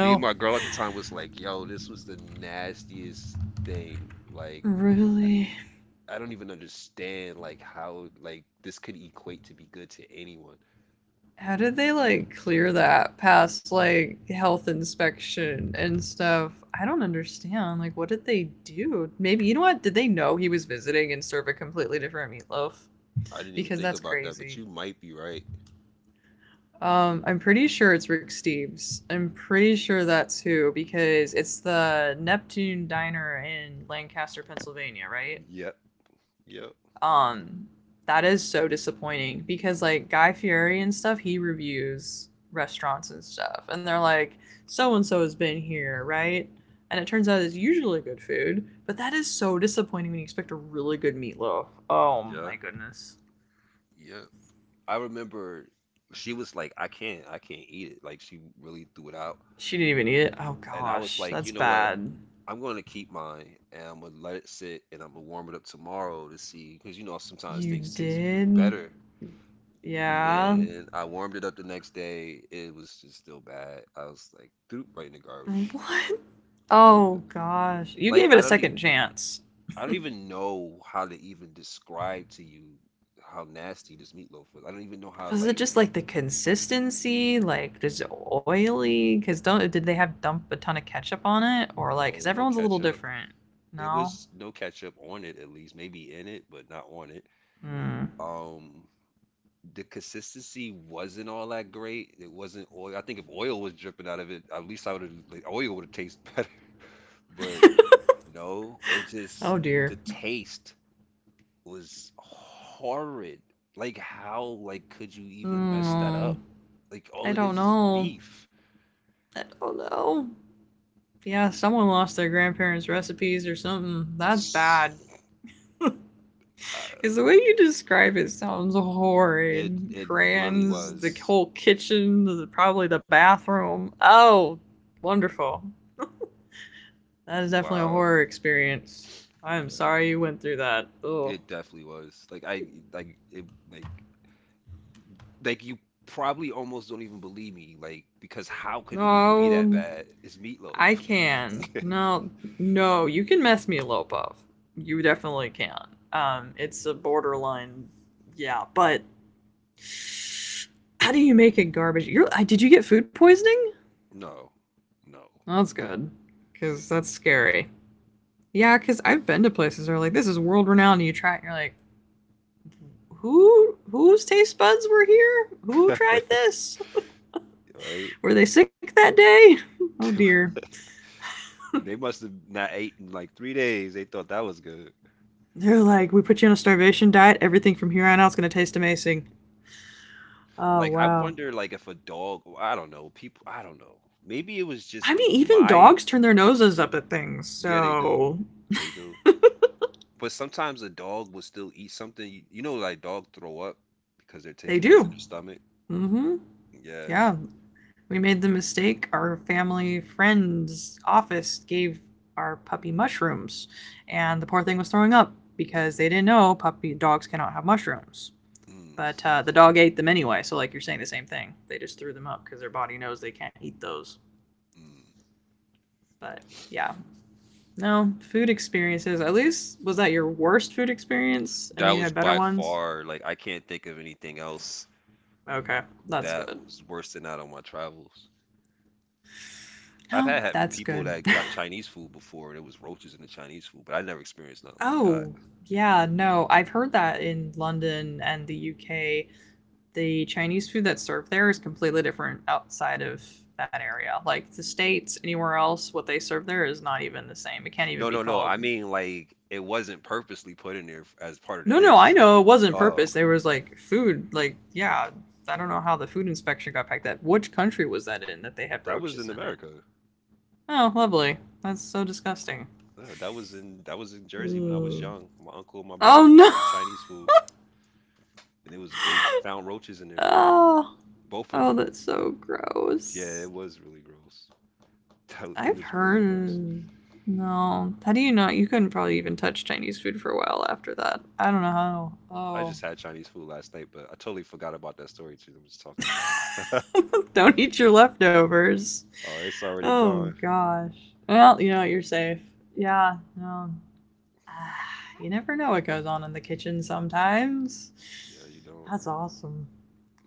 me and my girl at the time was like, "Yo, this was the nastiest thing. Like,
Really?
I don't even understand like how like this could equate to be good to anyone.
How did they like clear that past like health inspection and stuff? I don't understand. Like, what did they do? Maybe you know what? Did they know he was visiting and serve a completely different meatloaf?
I didn't even
Because
think
that's
about that, but
crazy.
you might be right.
I'm pretty sure it's Rick Steves. I'm pretty sure that's who because it's the Neptune Diner in Lancaster, Pennsylvania, right?
Yep, yep,
Um, that is so disappointing because like Guy Fieri and stuff, he reviews restaurants and stuff, and they're like, so and so has been here, right? And it turns out it's usually good food, but that is so disappointing when you expect a really good meatloaf. Oh
yeah,
my goodness.
yeah. I remember she was like, I can't eat it." Like, she really threw it out,
She didn't even eat it. Oh
and I was
gosh,
like,
that's
"You know what?"
bad.
I'm going to keep mine and I'm going to let it sit and I'm going to warm it up tomorrow to see because you know sometimes
You
things taste
did?
better.
Yeah.
Man, I warmed it up the next day. It was just still bad. I was like, poop right in the garbage.
What?
I
Oh gosh. You
like
gave it a second chance.
I don't even know how to even describe to you how nasty this meatloaf was. I don't even know how
Was it
like
just like the consistency? Like, is it oily? Because don't did they have dump a ton of ketchup on it, or like
no
because
no
everyone's a little
ketchup.
different?
It
No.
was no ketchup on it at least, maybe in it, but not on it.
Hmm.
Um, the consistency wasn't all that great. It wasn't oil. I think if oil was dripping out of it, at least I would have like oil would have tasted (laughs) better. But no, it just
Oh
the
dear.
taste was horrid. Like how like could you even mess that
Hmm.
up? Like all
I
it
don't
is
know.
beef.
I don't know. Yeah, someone lost their grandparents' recipes or something.
(sighs)
That's bad.
It's-
Because
uh,
the way you describe it sounds
it
horrid.
it really
Crayons, the
was.
whole kitchen, probably the bathroom. Oh, wonderful. That is definitely a
Wow.
horror experience. I am
Yeah.
sorry you went through that. Ugh.
It definitely was. Like I like it like like you probably almost don't even believe me like because how could it even be that
No,
bad? It's meatloaf.
I
(laughs)
can. No, no, you can mess me up of. You definitely can. It's a borderline. Yeah, but how do you make it garbage? Did you get food poisoning?
No. No.
Well, that's good, cause that's scary. Yeah, cause I've been to places where like this is world renowned, and you try it, and you're like, whose taste buds were here? Who tried this?
Right?
Were they sick that day? (laughs) Oh
(laughs)
dear.
They must have not ate in like three days. They thought that was good.
They're like, we put you on a starvation diet. Everything from here on out is gonna taste amazing. Oh
Like I
wow.
wonder, like if a dog, I don't know, people, I don't know. Maybe it was
I
just
mean, even
my,
dogs turn their noses up at things,
yeah, they do,
so
they do. But sometimes a dog will still eat something. You know, like dog throw up because their
they
taste buds in
do.
their stomach.
Mm-hmm.
Yeah.
Yeah. We made the mistake. Our family friend's office gave our puppy mushrooms, and the poor thing was throwing up because they didn't know puppy dogs cannot have mushrooms.
Mm,
But the dog ate them anyway, so like you're saying the same thing. They just threw them up because their body knows they can't eat those.
mm.
But yeah, no food experiences. At least was that your worst food experience, and
That
you
was
had better
by
ones.
far, like I can't think of anything else
Okay, that's
that
good.
was worse than that on my travels. I've
No,
had, had
that's
people
good. (laughs)
that got Chinese food before and it was roaches in the Chinese food, but I never experienced nothing like that.
Oh yeah, no, I've heard that in London and the UK, the Chinese food that's served there is completely different outside of that area. Like the states, anywhere else, what they serve there is not even the same. It can't even
No,
be
no, no. I
called.
mean, like, it wasn't purposely put in there as part of the
No, no, I
dish.
know it wasn't
Oh,
purpose. There was like food, like yeah. I don't know how the food inspection got packed. That Which country was that in that they had
that was
roaches
in
in it?
America.
Oh, lovely. That's so disgusting.
No, that was in Jersey when I was
Ugh.
young. My uncle and my brother
Oh
went
no.
to
(laughs)
get Chinese food, and it was they found roaches in their food,
Oh,
both of
oh,
them.
that's so
Yeah, it
gross.
was really gross. (laughs) That, was- it
I've
was really gross.
heard. No, how do you know? You couldn't probably even touch Chinese food for a while after that. I don't know how.
I
Oh,
just had Chinese food last night, but I totally forgot about that story too. I'm just talking about it.
(laughs) don't eat your leftovers.
Oh, it's already
Oh
gone.
gosh. Well, you know you're safe. Yeah. No. (sighs) Ah, you never know what goes on in the kitchen sometimes.
Yeah, you don't,
That's awesome.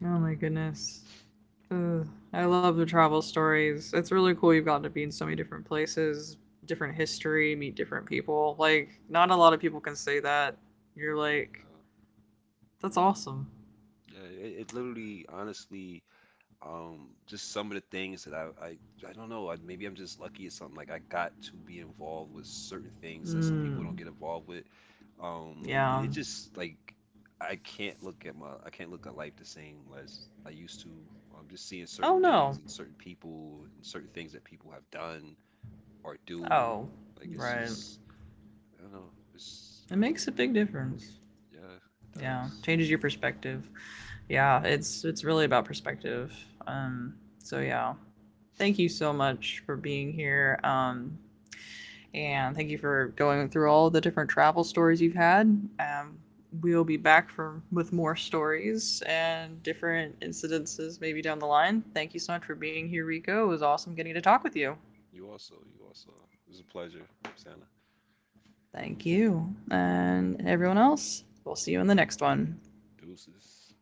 Oh my
don't.
goodness. Ugh, I love the travel stories. It's really cool you've gotten to be in so many different places, different history, meet different people. Like, not a lot of people can say that. You're like, that's awesome.
Yeah, yeah. It literally, honestly. Just some of the things that I don't know. I, maybe I'm just lucky or something. Like I got to be involved with certain things that some people don't
Mm,
get involved with. And
yeah.
it just like I can't look at life the same as I used to. Just seeing
Oh
certain
no.
things and certain people and certain things that people have done or do.
Oh,
Like it's
right.
just, I don't know. It's,
It
I don't know.
makes a big difference.
Yeah, it
Yeah,
does.
changes your perspective. Yeah, it's really about perspective. So yeah, thank you so much for being here. And thank you for going through all the different travel stories you've had. Um, we'll be back for with more stories and different incidences maybe down the line. Thank you so much for being here, Rico. It was awesome getting to talk with you.
You also, you also. It was a pleasure, Santa.
Thank you, and everyone else. We'll see you in the next one.
Deuces.